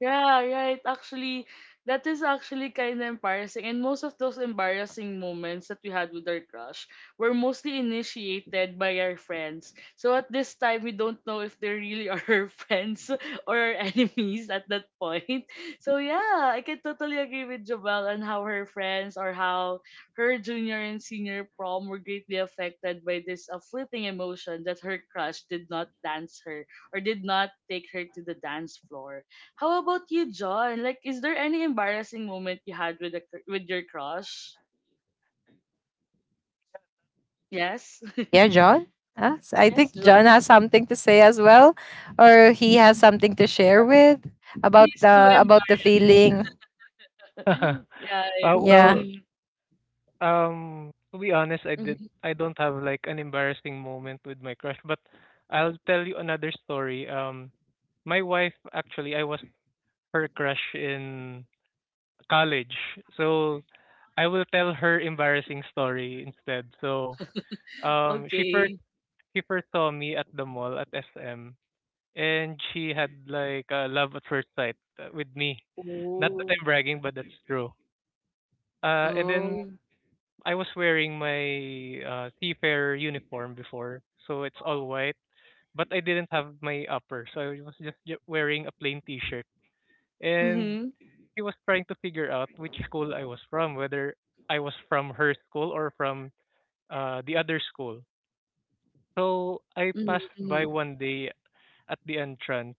A: Yeah, right. Actually, that is actually kind of embarrassing. And most of those embarrassing moments that we had with our crush were mostly initiated by our friends. So at this time, we don't know if they really are our friends or our enemies at that point. So yeah, I can totally agree with Jobel on how her friends, or how her junior and senior prom were greatly affected by this, uh, fleeting emotion, that her crush did not dance her or did not take her to the dance floor. How about you, John? Like, is there any embarrassing moment you had with a cr- with your crush? Yes.
B: Yeah, John. Huh? So I think
A: Yes,
B: John has
A: John.
B: something to say as well, or he has
A: Mhm.
B: something to share with, about
A: Please to
B: the, about the
A: embarrass.
B: feeling.
C: uh,
A: Yeah.
C: well,
B: Yeah,
A: Mm-hmm.
C: um, to be honest, I did.
A: Mm-hmm.
C: I don't have like an embarrassing moment with my crush, but I'll tell you another story. Um, my wife actually, I was her crush in college. So I will tell her embarrassing story instead. So um she first
A: Okay.
C: she first saw me at the mall at S M, and she had like a love at first sight uh, with me. Not that
A: Oh.
C: I'm bragging, but that's true. Uh and then
A: Oh.
C: I was wearing my uh seafarer uniform before, so it's all white, but I didn't have my upper, so I was just j- wearing a plain t-shirt, and
A: Mhm.
C: she was trying to figure out which school I was from, whether I was from her school or from uh, the other school. So I
A: Mhm.
C: passed by
A: Mhm.
C: one day at the entrance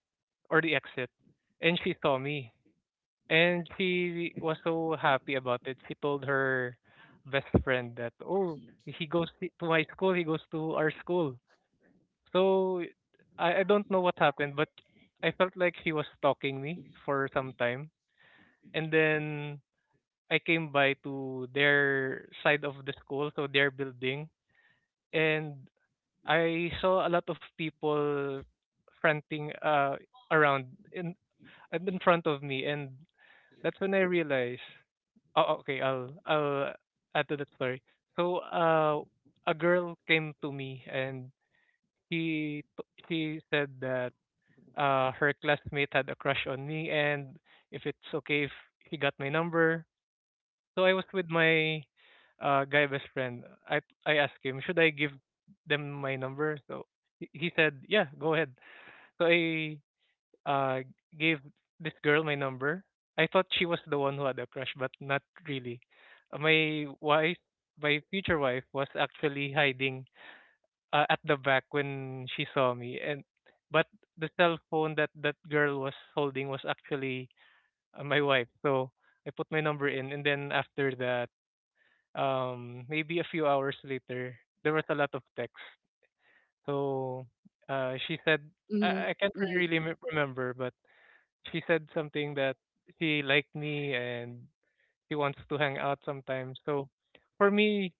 C: or the exit, and she saw me, and she was so happy about it. She told her best friend that, oh, he goes to my school, he goes to our school. So I, I don't know what happened, but I felt like she was stalking me for some time, and then I came by to their side of the school, so their building, and I saw a lot of people fronting uh around in and in front of me, and that's when I realized. Oh, okay. I'll I'll add to that story. So, uh, a girl came to me and she t- she said that uh her classmate had a crush on me, and if it's okay if she got my number. So I was with my uh, guy best friend. I I asked him, should I give them my number? So he he said, yeah, go ahead. So I uh, gave this girl my number. I thought she was the one who had a crush, but not really. Uh, My wife, my future wife, was actually hiding uh, at the back when she saw me, and but the cell phone that that girl was holding was actually uh, my wife. So I put my number in, and then after that, um maybe a few hours later, there was a lot of text. So uh she said, i,
A: Mhm.
C: I can't
A: Mhm.
C: really me- remember, but she said something that she liked me and she wants to hang out sometimes. So for me,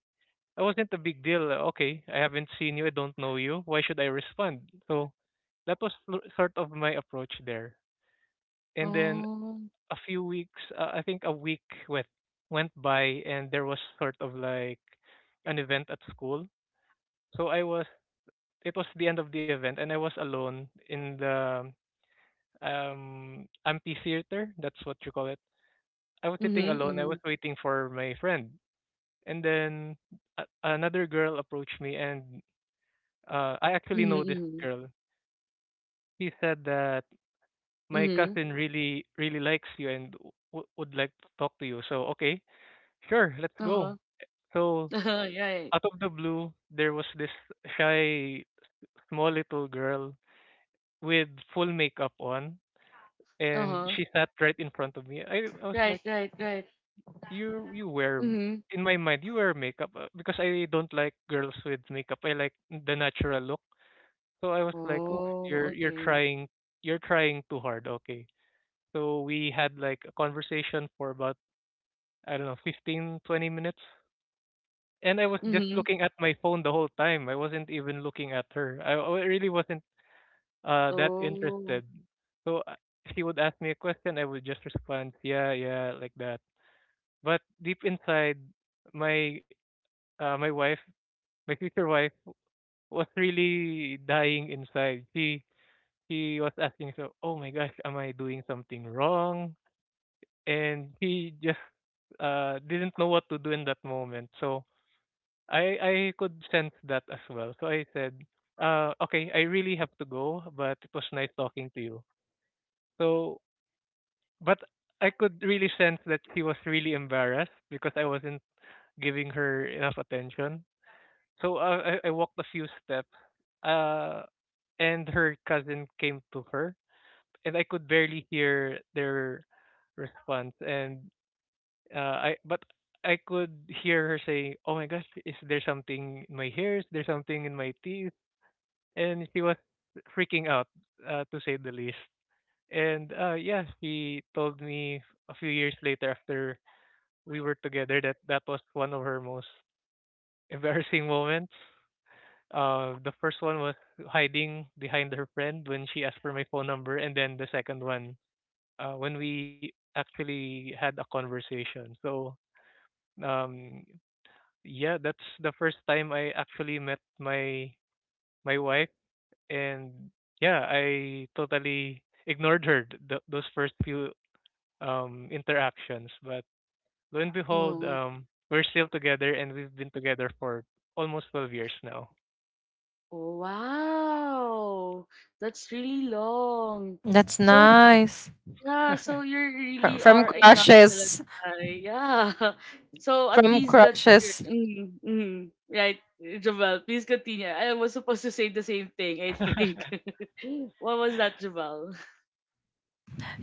C: it wasn't a big deal. Uh, okay, I haven't seen you, I don't know you, why should I respond? So that was lo- sort of my approach there. And then
A: Oh.
C: a few weeks, uh, I think a week, went went by, and there was sort of like an event at school. So I was it was the end of the event, and I was alone in the um amphitheater, that's what you call it. I was sitting
A: Mhm.
C: alone, I
A: Mhm.
C: was waiting for my friend. And then a- another girl approached me, and uh, I actually
A: Mhm.
C: know this
A: Mhm.
C: girl. She said that my
A: Mhm.
C: cousin really really likes you and w- would like to talk to you. So okay, sure, let's
A: Uh
C: go.
A: huh.
C: So,
A: Right.
C: out of the blue, there was this shy, small little girl with full makeup on,
A: Uh
C: and
A: huh.
C: she sat right in front of me. I, I was
A: Right.
C: like,
A: Right. Right.
C: you you wear m-
A: Mhm.
C: in my mind you wear makeup, uh, because I don't like girls with makeup. I like the natural look. So I was like, oh,
A: Oh.
C: you're you're
A: Okay.
C: trying you're trying too hard. Okay. So we had like a conversation for about, I don't know, fifteen twenty minutes, and I was just
A: Mhm.
C: looking at my phone the whole time. I wasn't even looking at her. I, I really wasn't uh that
A: Oh.
C: interested. So uh, she would ask me a question, I would just respond, "Yeah, yeah," like that. But deep inside, my uh my wife, my future wife, was really dying inside. She she was asking, "So, oh my gosh, am I doing something wrong?" And she just uh didn't know what to do in that moment. So I I could sense that as well. So I said, uh, okay, I really have to go, but it was nice talking to you. So, but I could really sense that she was really embarrassed because I wasn't giving her enough attention. So uh, I I walked a few steps, uh, and her cousin came to her, and I could barely hear their response. And uh, I but I could hear her saying, "Oh my gosh, is there something in my hair? Is there something in my teeth?" And she was freaking out, uh, to say the least. And uh, yeah, she told me a few years later after we were together that that was one of her most embarrassing moments. Uh, the first one was hiding behind her friend when she asked for my phone number, and then the second one, uh, when we actually had a conversation. So um, yeah, that's the first time I actually met my my wife, and yeah, I totally ignored her th- th- those first few um interactions. But lo and behold,
A: Mm.
C: um, we're still together, and we've been together for almost twelve years now.
A: Oh, wow. That's really long.
B: that's
A: So
B: nice.
A: yeah, so you
B: From,
A: really
B: from
A: are a nonchalant
B: crushes,
A: guy. Yeah. So at
B: from
A: least that,
B: crushes.
A: mm, mm, right, Jabal, please continue. I was supposed to say the same thing, I think. What was that, Jabal?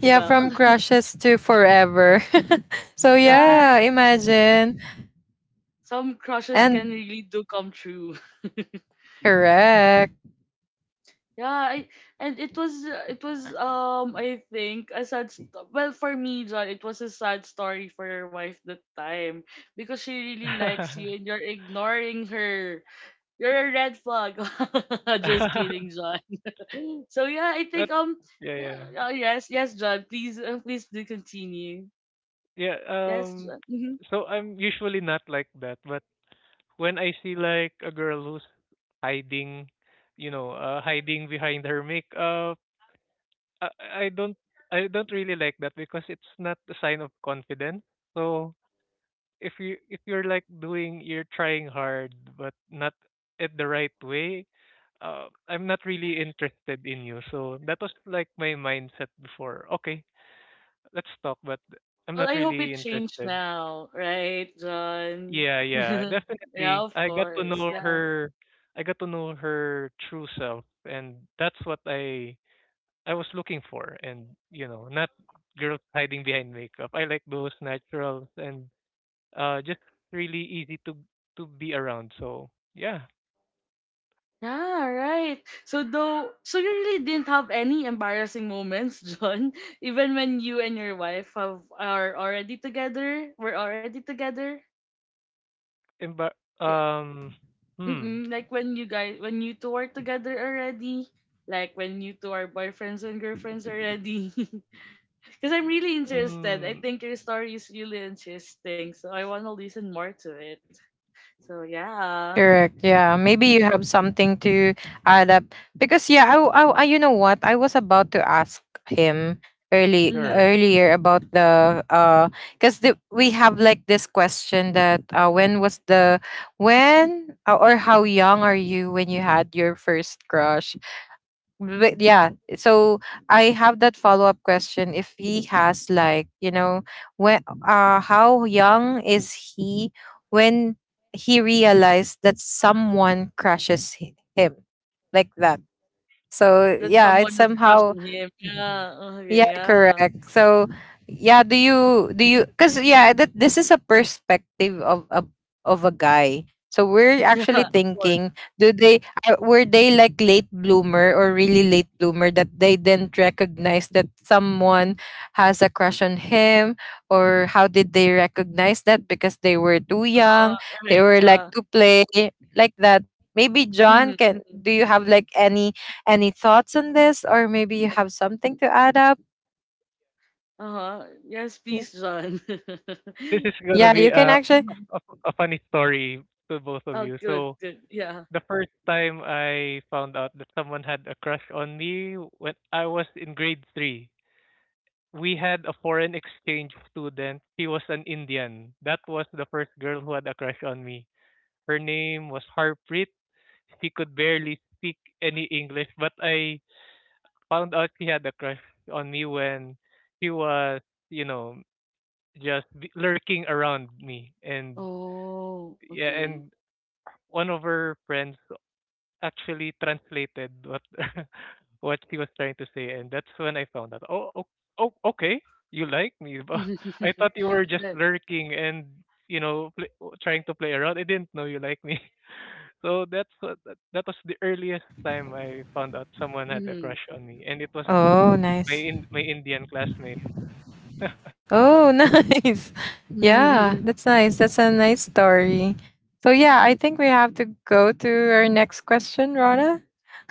B: Yeah, from crushes to forever. So yeah,
A: Right.
B: imagine.
A: Some crushes can
B: And
A: really do come true.
B: correct.
A: Yeah, I, and it was, uh, it was um I think a sad st- well, for me, John, it was a sad story for your wife that time, because she really likes you and you're ignoring her. You're a red flag. Just kidding, John. So yeah, I
C: That-
A: think, um
C: yeah,
A: yeah,
C: yeah,
A: uh, yes, yes, John, please uh, please do continue.
C: yeah.
A: Yes,
C: Um,
A: John. Hmm.
C: so I'm usually not like that, but when I see like a girl who's hiding, you know, uh, hiding behind her makeup. I I don't I don't really like that because it's not a sign of confidence. So if you if you're like doing you're trying hard but not at the right way, uh, I'm not really interested in you. So that was like my mindset before. Okay, let's talk, but I'm
A: Well,
C: not
A: I hope
C: really
A: it changed
C: interested.
A: now, right, John?
C: Yeah, yeah,
A: Yeah,
C: definitely.
A: of
C: I got to
A: course.
C: know
A: Yeah.
C: her. I got to know her true self, and that's what I I was looking for, and you know, not girls hiding behind makeup. I like those naturals and, uh, just really easy to to be around. So yeah.
A: Yeah, right. So, though so you really didn't have any embarrassing moments, John, even when you and your wife have are already together, were already together.
C: Emba-
A: Yeah.
C: um, hmm,
A: Mm-mm. Like when you guys when you two are together already, like when you two are boyfriends and girlfriends already. Cuz I'm really interested. I
C: mm,
A: think your story is really interesting, so I want to listen more to it. So yeah.
B: Correct. Yeah. Maybe you have something to add up, because yeah, I, w- I, w- I- you know what? I was about to ask him early,
A: Mm-hmm.
C: sure.
B: earlier about the uh because the, we have like this question that, uh when was the, when uh, or how young are you when you had your first crush? But yeah, so I have that follow up question. If he has like, you know, when, uh, how young is he when he realized that someone crushes hi- him, like that? So
A: That
B: yeah, it's
A: someone has a crush
B: somehow,
A: on him. Yeah. Okay,
B: yeah,
A: yeah.
B: correct. So, yeah, do you, do you, cuz yeah, that this is a perspective of a, of a guy. So we're actually
A: Yeah. Of course.
B: thinking, do they are, were they like late bloomer or really late bloomer, that they didn't recognize that someone has a crush on him, or how did they recognize that, because they were too
A: Uh-huh,
B: young, they
A: correct,
B: were like
A: yeah.
B: to play, like that. Maybe John
A: Mhm,
B: can,
A: mhm.
B: do you have like any any thoughts on this, or maybe you have something to add up?
A: Uh-huh. Yes,
B: Yeah.
A: please, John.
C: This is gonna
A: I
B: Yeah,
C: be
B: you
A: think
B: can
A: it.
C: a,
B: actually.
A: Mhm.
C: a a funny story to both of
A: Oh
C: you.
A: good,
C: So
A: good. Yeah.
C: the first time I found out that someone had a crush on me when I was in grade three. We had a foreign exchange student. She was an Indian. That was the first girl who had a crush on me. Her name was Harpreet. She could barely speak any English, but I found out she had a crush on me when she was, you know, just b- lurking around me. And
A: Oh,
C: yeah,
A: okay.
C: and one of her friends actually translated what what she was trying to say, and that's when I found out. Oh, oh, oh, okay, you like me, but I thought you were just
A: That,
C: lurking and you know play, trying to play around. I didn't know you like me. So that's what, that, that was the earliest time I found out someone had a
A: mhm,
C: crush on me, and it was
B: Oh,
C: my
B: nice.
C: in, my Indian classmate.
B: Oh, nice. Yeah,
A: mhm.
B: that's nice. That's a nice story. So, yeah, I think we have to go to our next question, Rana.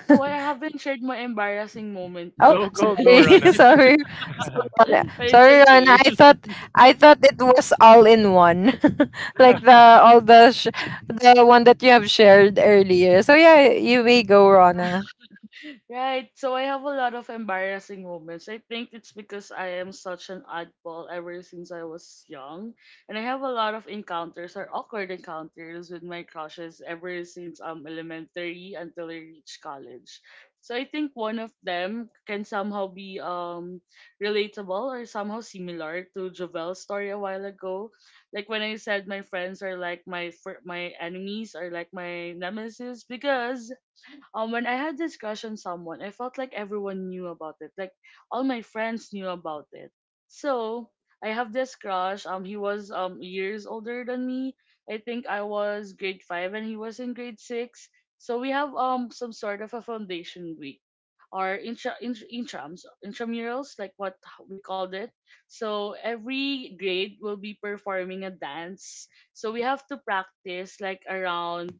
A: No, I haven't shared my embarrassing moment
B: Oh,
C: Go
A: yet, but
C: go
B: sorry.
C: go, Rana.
B: Sorry. Sorry, Rana.
A: it's
B: Sorry, Rana.
A: okay.
B: I thought I thought it was all in one. like the all the sh- The one that you have shared earlier. So, yeah, you may go, Rana.
A: Right. So I have a lot of embarrassing moments. I think it's because I am such an oddball ever since I was young. And I have a lot of encounters or awkward encounters with my crushes ever since um elementary until I reached college. So I think one of them can somehow be um relatable or somehow similar to Jovel's story a while ago. Like when I said my friends are like my fir- my enemies, or like my nemesis, because um when I had this crush on someone, I felt like everyone knew about it. Like all my friends knew about it. So I have this crush. Um, he was um years older than me. I think I was grade five and he was in grade six. So we have um some sort of a foundation week, or intra, intra intrams intramurals, like what we called it. So every grade will be performing a dance. So we have to practice like around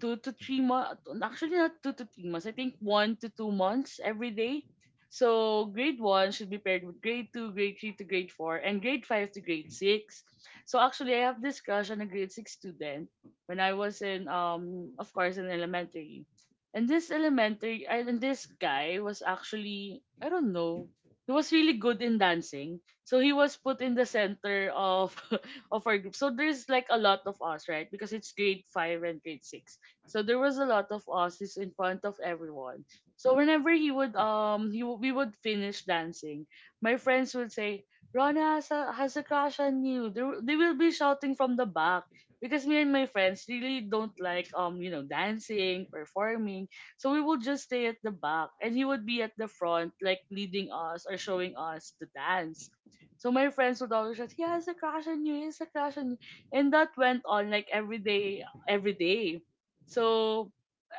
A: two to three months. Actually, not two to three months. I think one to two months every day. So grade one should be paired with grade two, grade three to grade four, and grade five to grade six. So actually, I have this crush on a grade six student when I was in um of course in elementary. And this elementary and this guy was actually, I don't know, he was really good in dancing. So he was put in the center of of our group. So there's like a lot of us, right? Because it's grade five and grade six. So there was a lot of Aussies in front of everyone. So whenever he would um he w- we would finish dancing, my friends would say, "Rona has a, has a crush on you." They, w- they will be shouting from the back because me and my friends really don't like um you know dancing, performing. So we would just stay at the back and he would be at the front like leading us or showing us the dance. So my friends would always shout, "He has a crush on you. He has a crush on you." And that went on like every day every day. So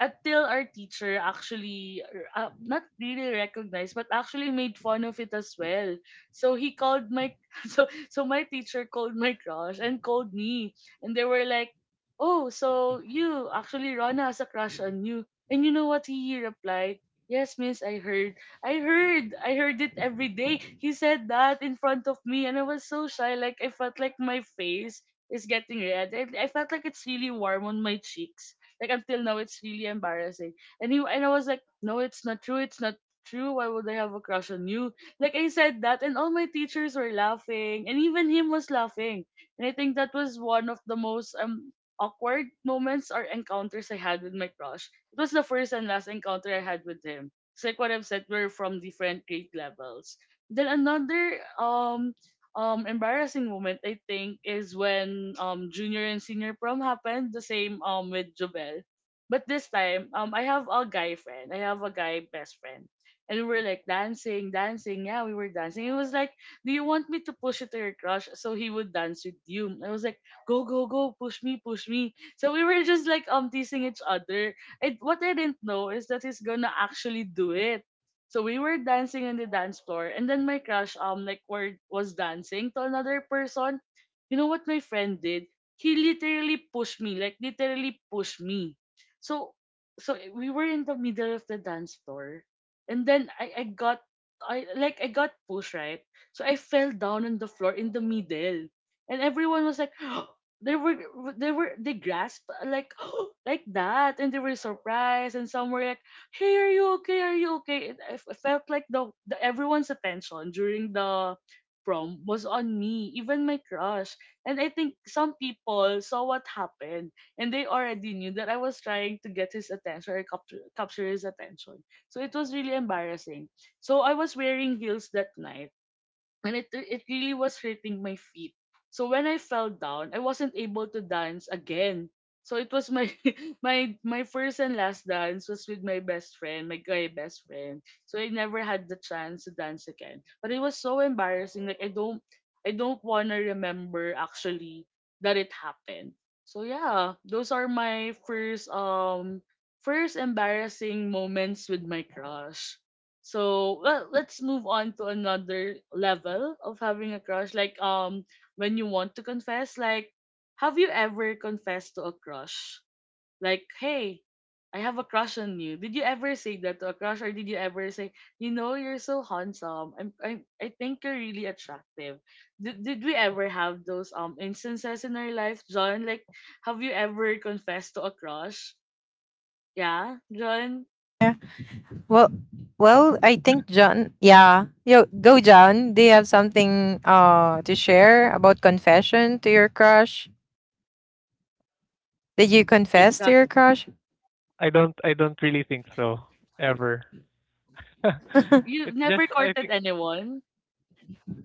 A: until our teacher actually, uh, not really recognized but actually made fun of it as well. So he called my so so my teacher called my crush and called me and they were like, "Oh, so you actually, Rona has a crush on you." And you know what he replied? Yes, miss, I heard. I heard. I heard it every day. He said that in front of me and I was so shy, like I felt like my face is getting red. I, I felt like it's really warm on my cheeks like until now, it's really embarrassing. And he, and I was like, no, it's not true. It's not true. Why would I have a crush on you? Like I said that, and all my teachers were laughing, and even him was laughing. And I think that was one of the most um awkward moments or encounters I had with my crush. It was the first and last encounter I had with him. It's like what I've said, we're from different grade levels. Then another um um embarrassing moment, I think, is when um junior and senior prom happened, the same um with Jobel. But this time um I have a guy friend. I have a guy best friend. And we were like dancing, dancing. Yeah, we were dancing. He was like, "Do you want me to push you to your crush so he would dance with you?" I was like, "Go, go, go! Push me, push me!" So we were just like um teasing each other. And what I didn't know is that he's gonna actually do it. So we were dancing on the dance floor, and then my crush um like were, was dancing to another person. You know what my friend did? He literally pushed me, like literally pushed me. So so eh, we were in the middle of the dance floor, and then I I got I like I got pushed, right. So I fell down on the floor in the middle, and everyone was like. They were, they were, they grasped like, like that, and they were surprised, and some were like, "Hey, are you okay? Are you okay?" It, I f- I felt like the, the everyone's attention during the prom was on me, even my crush. And I think some people saw what happened, and they already knew that I was trying to get his attention or capture, capture his attention. So it was really embarrassing. So I was wearing heels that night, and it it really was hurting my feet. So when I fell down, I wasn't able to dance again. So it was my my my first and last dance was with my best friend, my guy best friend. So I never had the chance to dance again. But it was so embarrassing. Like I don't I don't wanna remember actually that it happened. So yeah, those are my first um first embarrassing moments with my crush. So well, let's move on to another level of having a crush. Like um, when you want to confess, like, have you ever confessed to a crush? Like, hey, I have a crush on you. Did you ever say that to a crush, or did you ever say, you know, you're so handsome. I'm, I'm I think you're really attractive. Did did we ever have those um instances in our life, John? Like, have you ever confessed to a crush? Yeah, John.
B: Well,
C: No,
B: well, I think John. Yeah, yo, go, John. Do you have something uh to share about confession to your crush? Did you
C: I
B: confess to
A: Got
B: your
A: it.
B: crush?
C: I don't I don't really think so ever.
A: You've
C: It's just
A: never
C: I
A: courted
C: think.
A: anyone.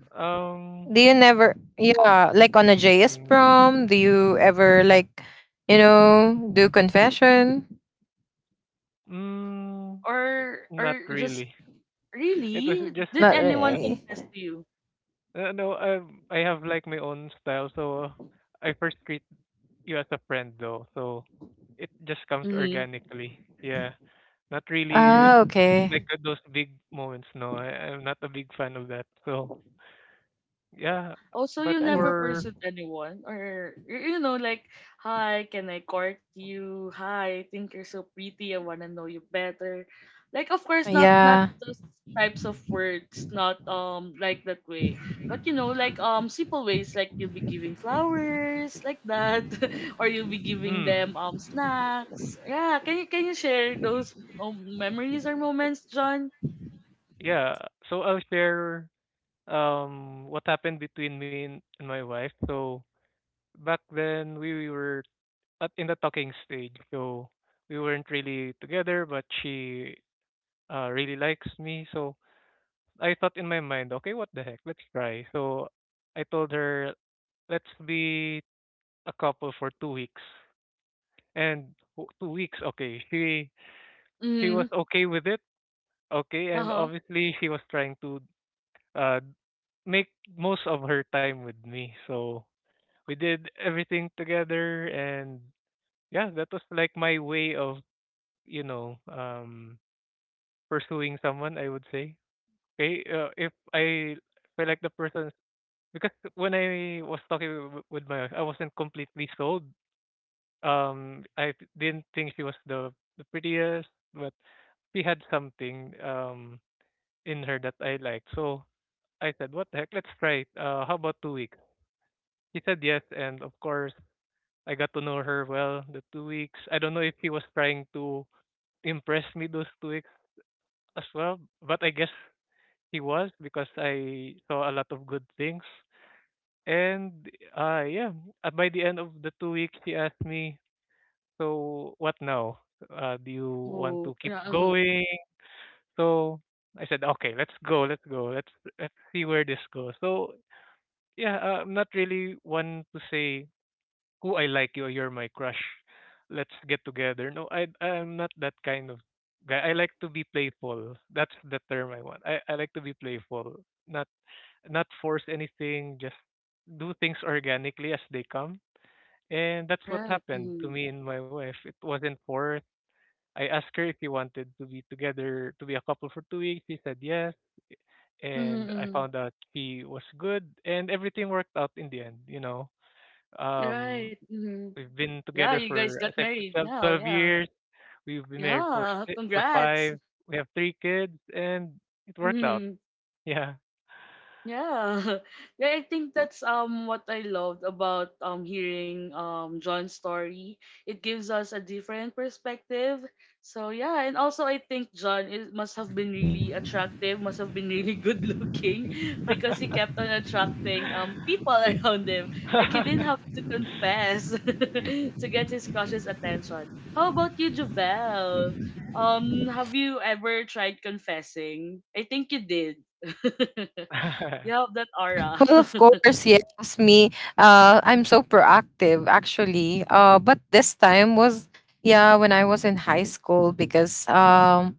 C: Um,
B: Do you never? Yeah, like on a J S
C: mm,
B: prom, do you ever like, you know, do confession?
C: mm,
A: Or
C: Not
A: or just
C: really. It was
A: really?
C: just,
A: Did
B: Not
A: anyone
C: uh,
B: really.
A: confess to you?
C: uh, no. Um, I have like my own style, so I first treat you as a friend, though. So it just comes
A: Mhm.
C: organically. Yeah, not really
B: Ah,
C: like
B: okay.
C: uh, those big moments. No, I, I'm not a big fan of that. So yeah,
A: Also,
C: but
A: you never
B: Um,
C: for
A: pursued anyone, or y- you know, like, hi, can I court you? Hi, I think you're so pretty. I wanna know you better. Like, of course, not not
B: yeah.
A: those types of words, not um like that way, but you know, like um simple ways, like you'll be giving flowers, like that, or you'll be giving
C: mm,
A: them um snacks. Yeah, can you can you share those um, memories or moments, John?
C: yeah, so I'll share um what happened between me and, and my wife. So back then we were at in the talking stage. So we weren't really together, but she uh, really likes me. So I thought in my mind, okay, what the heck? Let's try. So I told her, let's be a couple for two weeks. And w- two weeks, okay. She she
A: Mm-hmm.
C: was okay with it, okay.
A: Uh
C: And
A: huh.
C: obviously, she was trying to, uh, make most of her time with me. So we did everything together, and yeah, that was like my way of, you know, um, pursuing someone, I would say. Okay, uh, if I if I like the person, because when I was talking w- with my wife, I wasn't completely sold. Um, I f- didn't think she was the the prettiest, but she had something um in her that I liked. So I said, "What the heck? Let's try it. Uh, how about two weeks?" She said yes, and of course, I got to know her well. The two weeks. I don't know if she was trying to impress me those two weeks as well, but I guess he was because I saw a lot of good things. And uh yeah, uh, by the end of the two weeks he asked me, "So what now? Uh, do you want
A: Oh,
C: to keep
A: yeah. Mm-hmm.
C: going?" So I said, "Okay, let's go. Let's go. Let's let's see where this goes." So yeah, uh, I'm not really one to say who I like you, you're my crush. Let's get together. No, I I'm not that kind of guy. I like to be playful. That's the term I want. I I like to be playful, not not force anything, just do things organically as they come. And that's what
A: Right.
C: happened
A: Mm-hmm.
C: to me and my wife. It wasn't forced. I asked her if we wanted to be together, to be a couple for two weeks. She said yes. And I
A: Mm-hmm.
C: found out she was good. And everything worked out in the end, you know. Um,
A: Right. Hmm.
C: we've been
A: Yeah,
C: together
A: you guys
C: for
A: got
C: I think,
A: married now.
C: twelve,
A: Yeah.
C: years. We've been married for
A: Yeah.
C: six, for
A: Congrats.
C: five. We have three kids, and it worked out.
A: Mhm.
C: Yeah.
A: Yeah. Yeah, I think that's um what I loved about um hearing um John's story. It gives us a different perspective. So yeah, and also I think John is, must have been really attractive, must have been really good looking because he kept on attracting um people around him. Like he didn't have to confess to get his crush's attention. How about you, Javel? Um, have you ever tried confessing? I think you did. You have that aura.
B: Well, of course, yes, me. Uh, I'm so proactive, actually. Uh, but this time was, yeah, when I was in high school because um,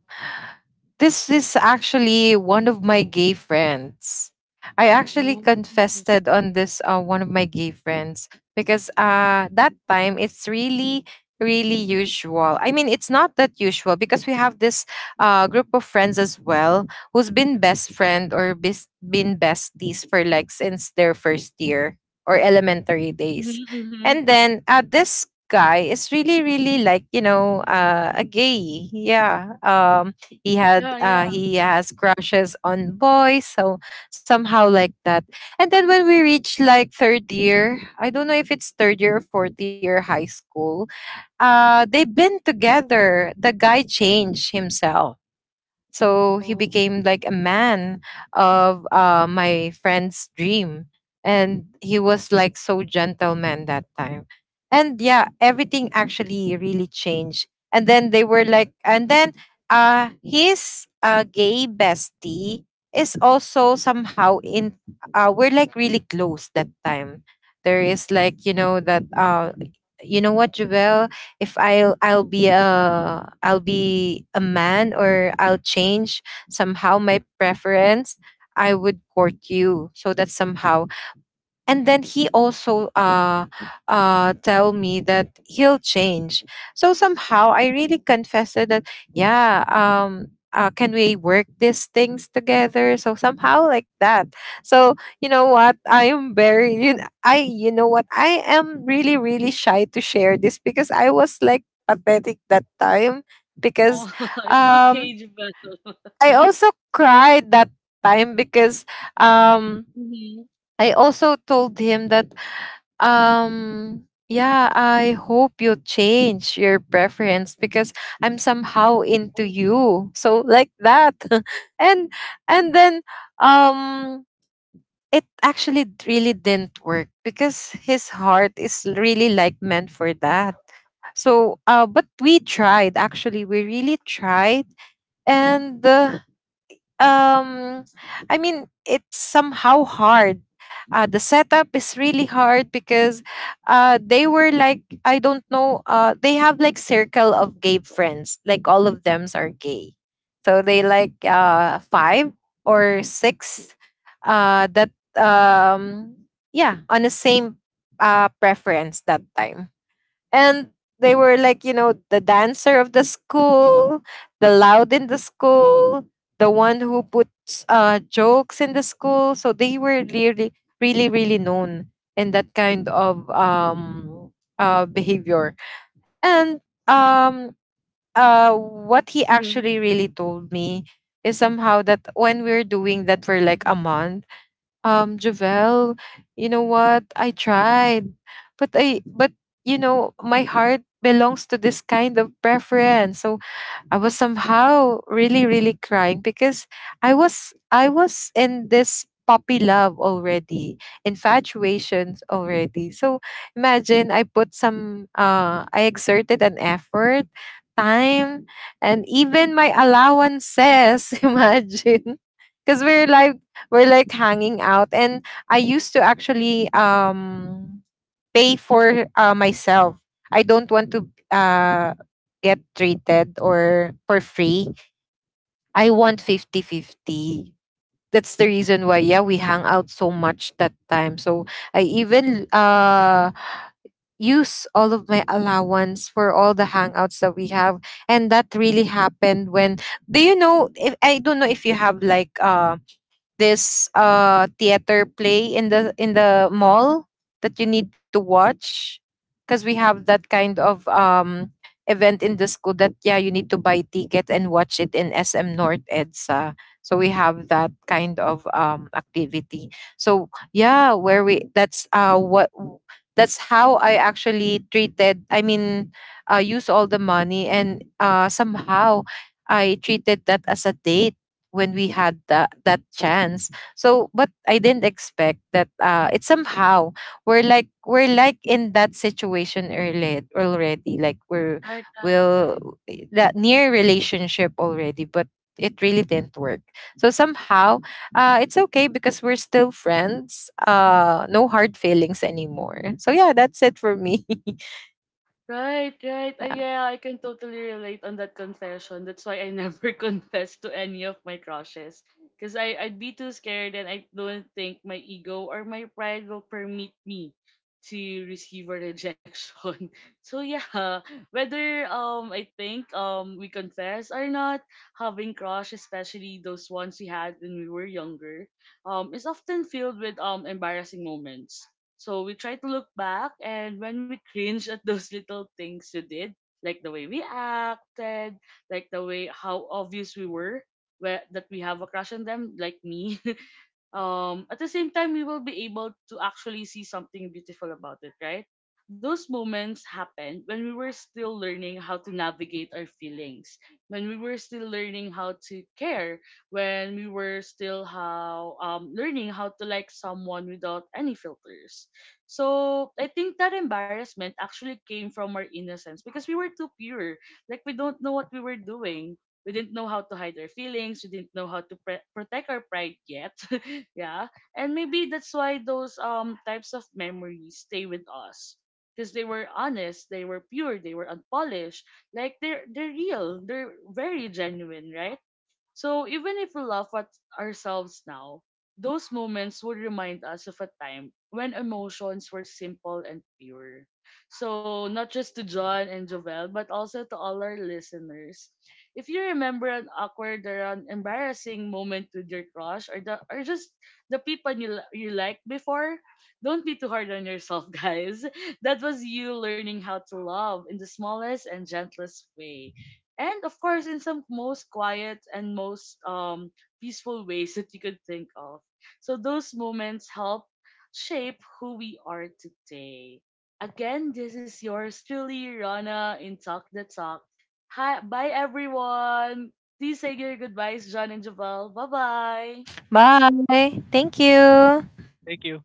B: this is actually one of my gay friends. I actually
A: Oh.
B: confessed on this uh, one of my gay friends because uh that time it's really really usual. I mean, it's not that usual because we have this uh group of friends as well who's been best friend or bis- been besties for like since their first year or elementary
A: Mhm,
B: days.
A: mhm.
B: And then uh this guy is really really like, you know, uh a gay. Yeah. Um, he had
A: Yeah,
B: uh,
A: yeah.
B: he has crushes on boys, so somehow like that. And then when we reached like third year, I don't know if it's third year or fourth year high school, uh they've been together. The guy changed himself, so he
A: Oh.
B: became like a man of uh, my friend's dream, and he was like so gentleman that time. And yeah, everything actually really changed. And then they were like and then uh His uh gay bestie is also somehow in, uh we're like really close that time. There is like, you know, that uh you know what, Javel? If I'll, I'll be a I'll be a man, or I'll change somehow my preference, I would court you, so that somehow. And then he also uh uh tell me that he'll change. So somehow I really confessed that, yeah. Um uh, can we work these things together, so somehow like that? So you know what I am very you know, I you know what, I am really really shy to share this because I was like pathetic that time.
A: Oh,
B: Because
A: it's
B: um
A: okay, Jubel.
B: I also cried that time because um
A: Mhm.
B: I also told him that, um yeah, I hope you change your preference because I'm somehow into
A: Oh. Wow.
B: you, so like that. and and then um it actually d- really didn't work because his heart is really like meant for that. So uh but we tried, actually we really tried. And uh, um I mean, it's somehow hard. Uh, the setup is really hard because uh, they were like, I don't know, uh, they have like circle of gay friends, like all of them are gay. So they like uh, five or six, uh, that um yeah, on the same uh, preference that time. And they were like, you know, the dancer of the school, the loud in the school, the one who puts uh, jokes in the school. So they were really really really known in that kind of um uh, behavior. And um uh what he
A: Mhm.
B: actually really told me is somehow that when we're doing that for like a month, um Javel, you know what? I tried. But I but you know, my heart belongs to this kind of preference. So I was somehow really, really crying because I was I was in this puppy love already, infatuations already. So imagine, I put some uh I exerted an effort, time, and even my allowances, imagine. Because we're like we're like hanging out, and I used to actually um pay for uh, myself. I don't want to uh, get treated or for free. I want fifty-fifty. That's the reason why, yeah, we hang out so much that time. So I even uh, use all of my allowance for all the hangouts that we have. And that really happened when, do you know, if, I don't know if you have like, uh, this uh theater play in the in the mall that you need to watch, because we have that kind of um event in the school that, yeah, you need to buy ticket and watch it in S M North E D S A. So we have that kind of um activity. So yeah, where we that's uh what that's how I actually treated, I mean, uh use all the money, and uh somehow I treated that as a date when we had that that chance. So but I didn't expect that, uh it's somehow we're like we're like in that situation early already, like we're
A: Right, right, right.
B: will that near relationship already. But it really didn't work. So somehow, uh it's okay because we're still friends, uh no hard feelings anymore. So yeah, that's it for me.
A: Right, right. Uh,
B: Yeah.
A: yeah, I can totally relate on that confession. That's why I never confessed to any of my crushes. Because I'd be too scared and I don't think my ego or my pride will permit me to receive a rejection. So yeah, whether um I think um we confess or not, having crush, especially those ones we had when we were younger, um is often filled with um embarrassing moments. So we try to look back, and when we cringe at those little things we did, like the way we acted, like the way how obvious we were, where, that we have a crush on them, like me, um at the same time we will be able to actually see something beautiful about it, right? Those moments happened when we were still learning how to navigate our feelings, when we were still learning how to care, when we were still how um learning how to like someone without any filters. So I think that embarrassment actually came from our innocence, because we were too pure, like we don't know what we were doing. We didn't know how to hide our feelings. We didn't know how to pre- protect our pride yet. Yeah. And maybe that's why those um types of memories stay with us, because they were honest, they were pure, they were unpolished, like they're they're real, they're very genuine, right? So even if we laugh at ourselves now, those moments would remind us of a time when emotions were simple and pure. So not just to John and Jovel, but also to all our listeners. If you remember an awkward or an embarrassing moment with your crush or the or just the people you li- you liked before, don't be too hard on yourself, guys. That was you learning how to love in the smallest and gentlest way, and of course in some most quiet and most um peaceful ways that you could think of. So those moments help shape who we are today. Again, this is yours truly, Rana, in Talk the Talk. Hi, bye everyone. Please say your goodbyes, John and Javel. Bye bye.
B: Bye, thank you.
C: Thank you.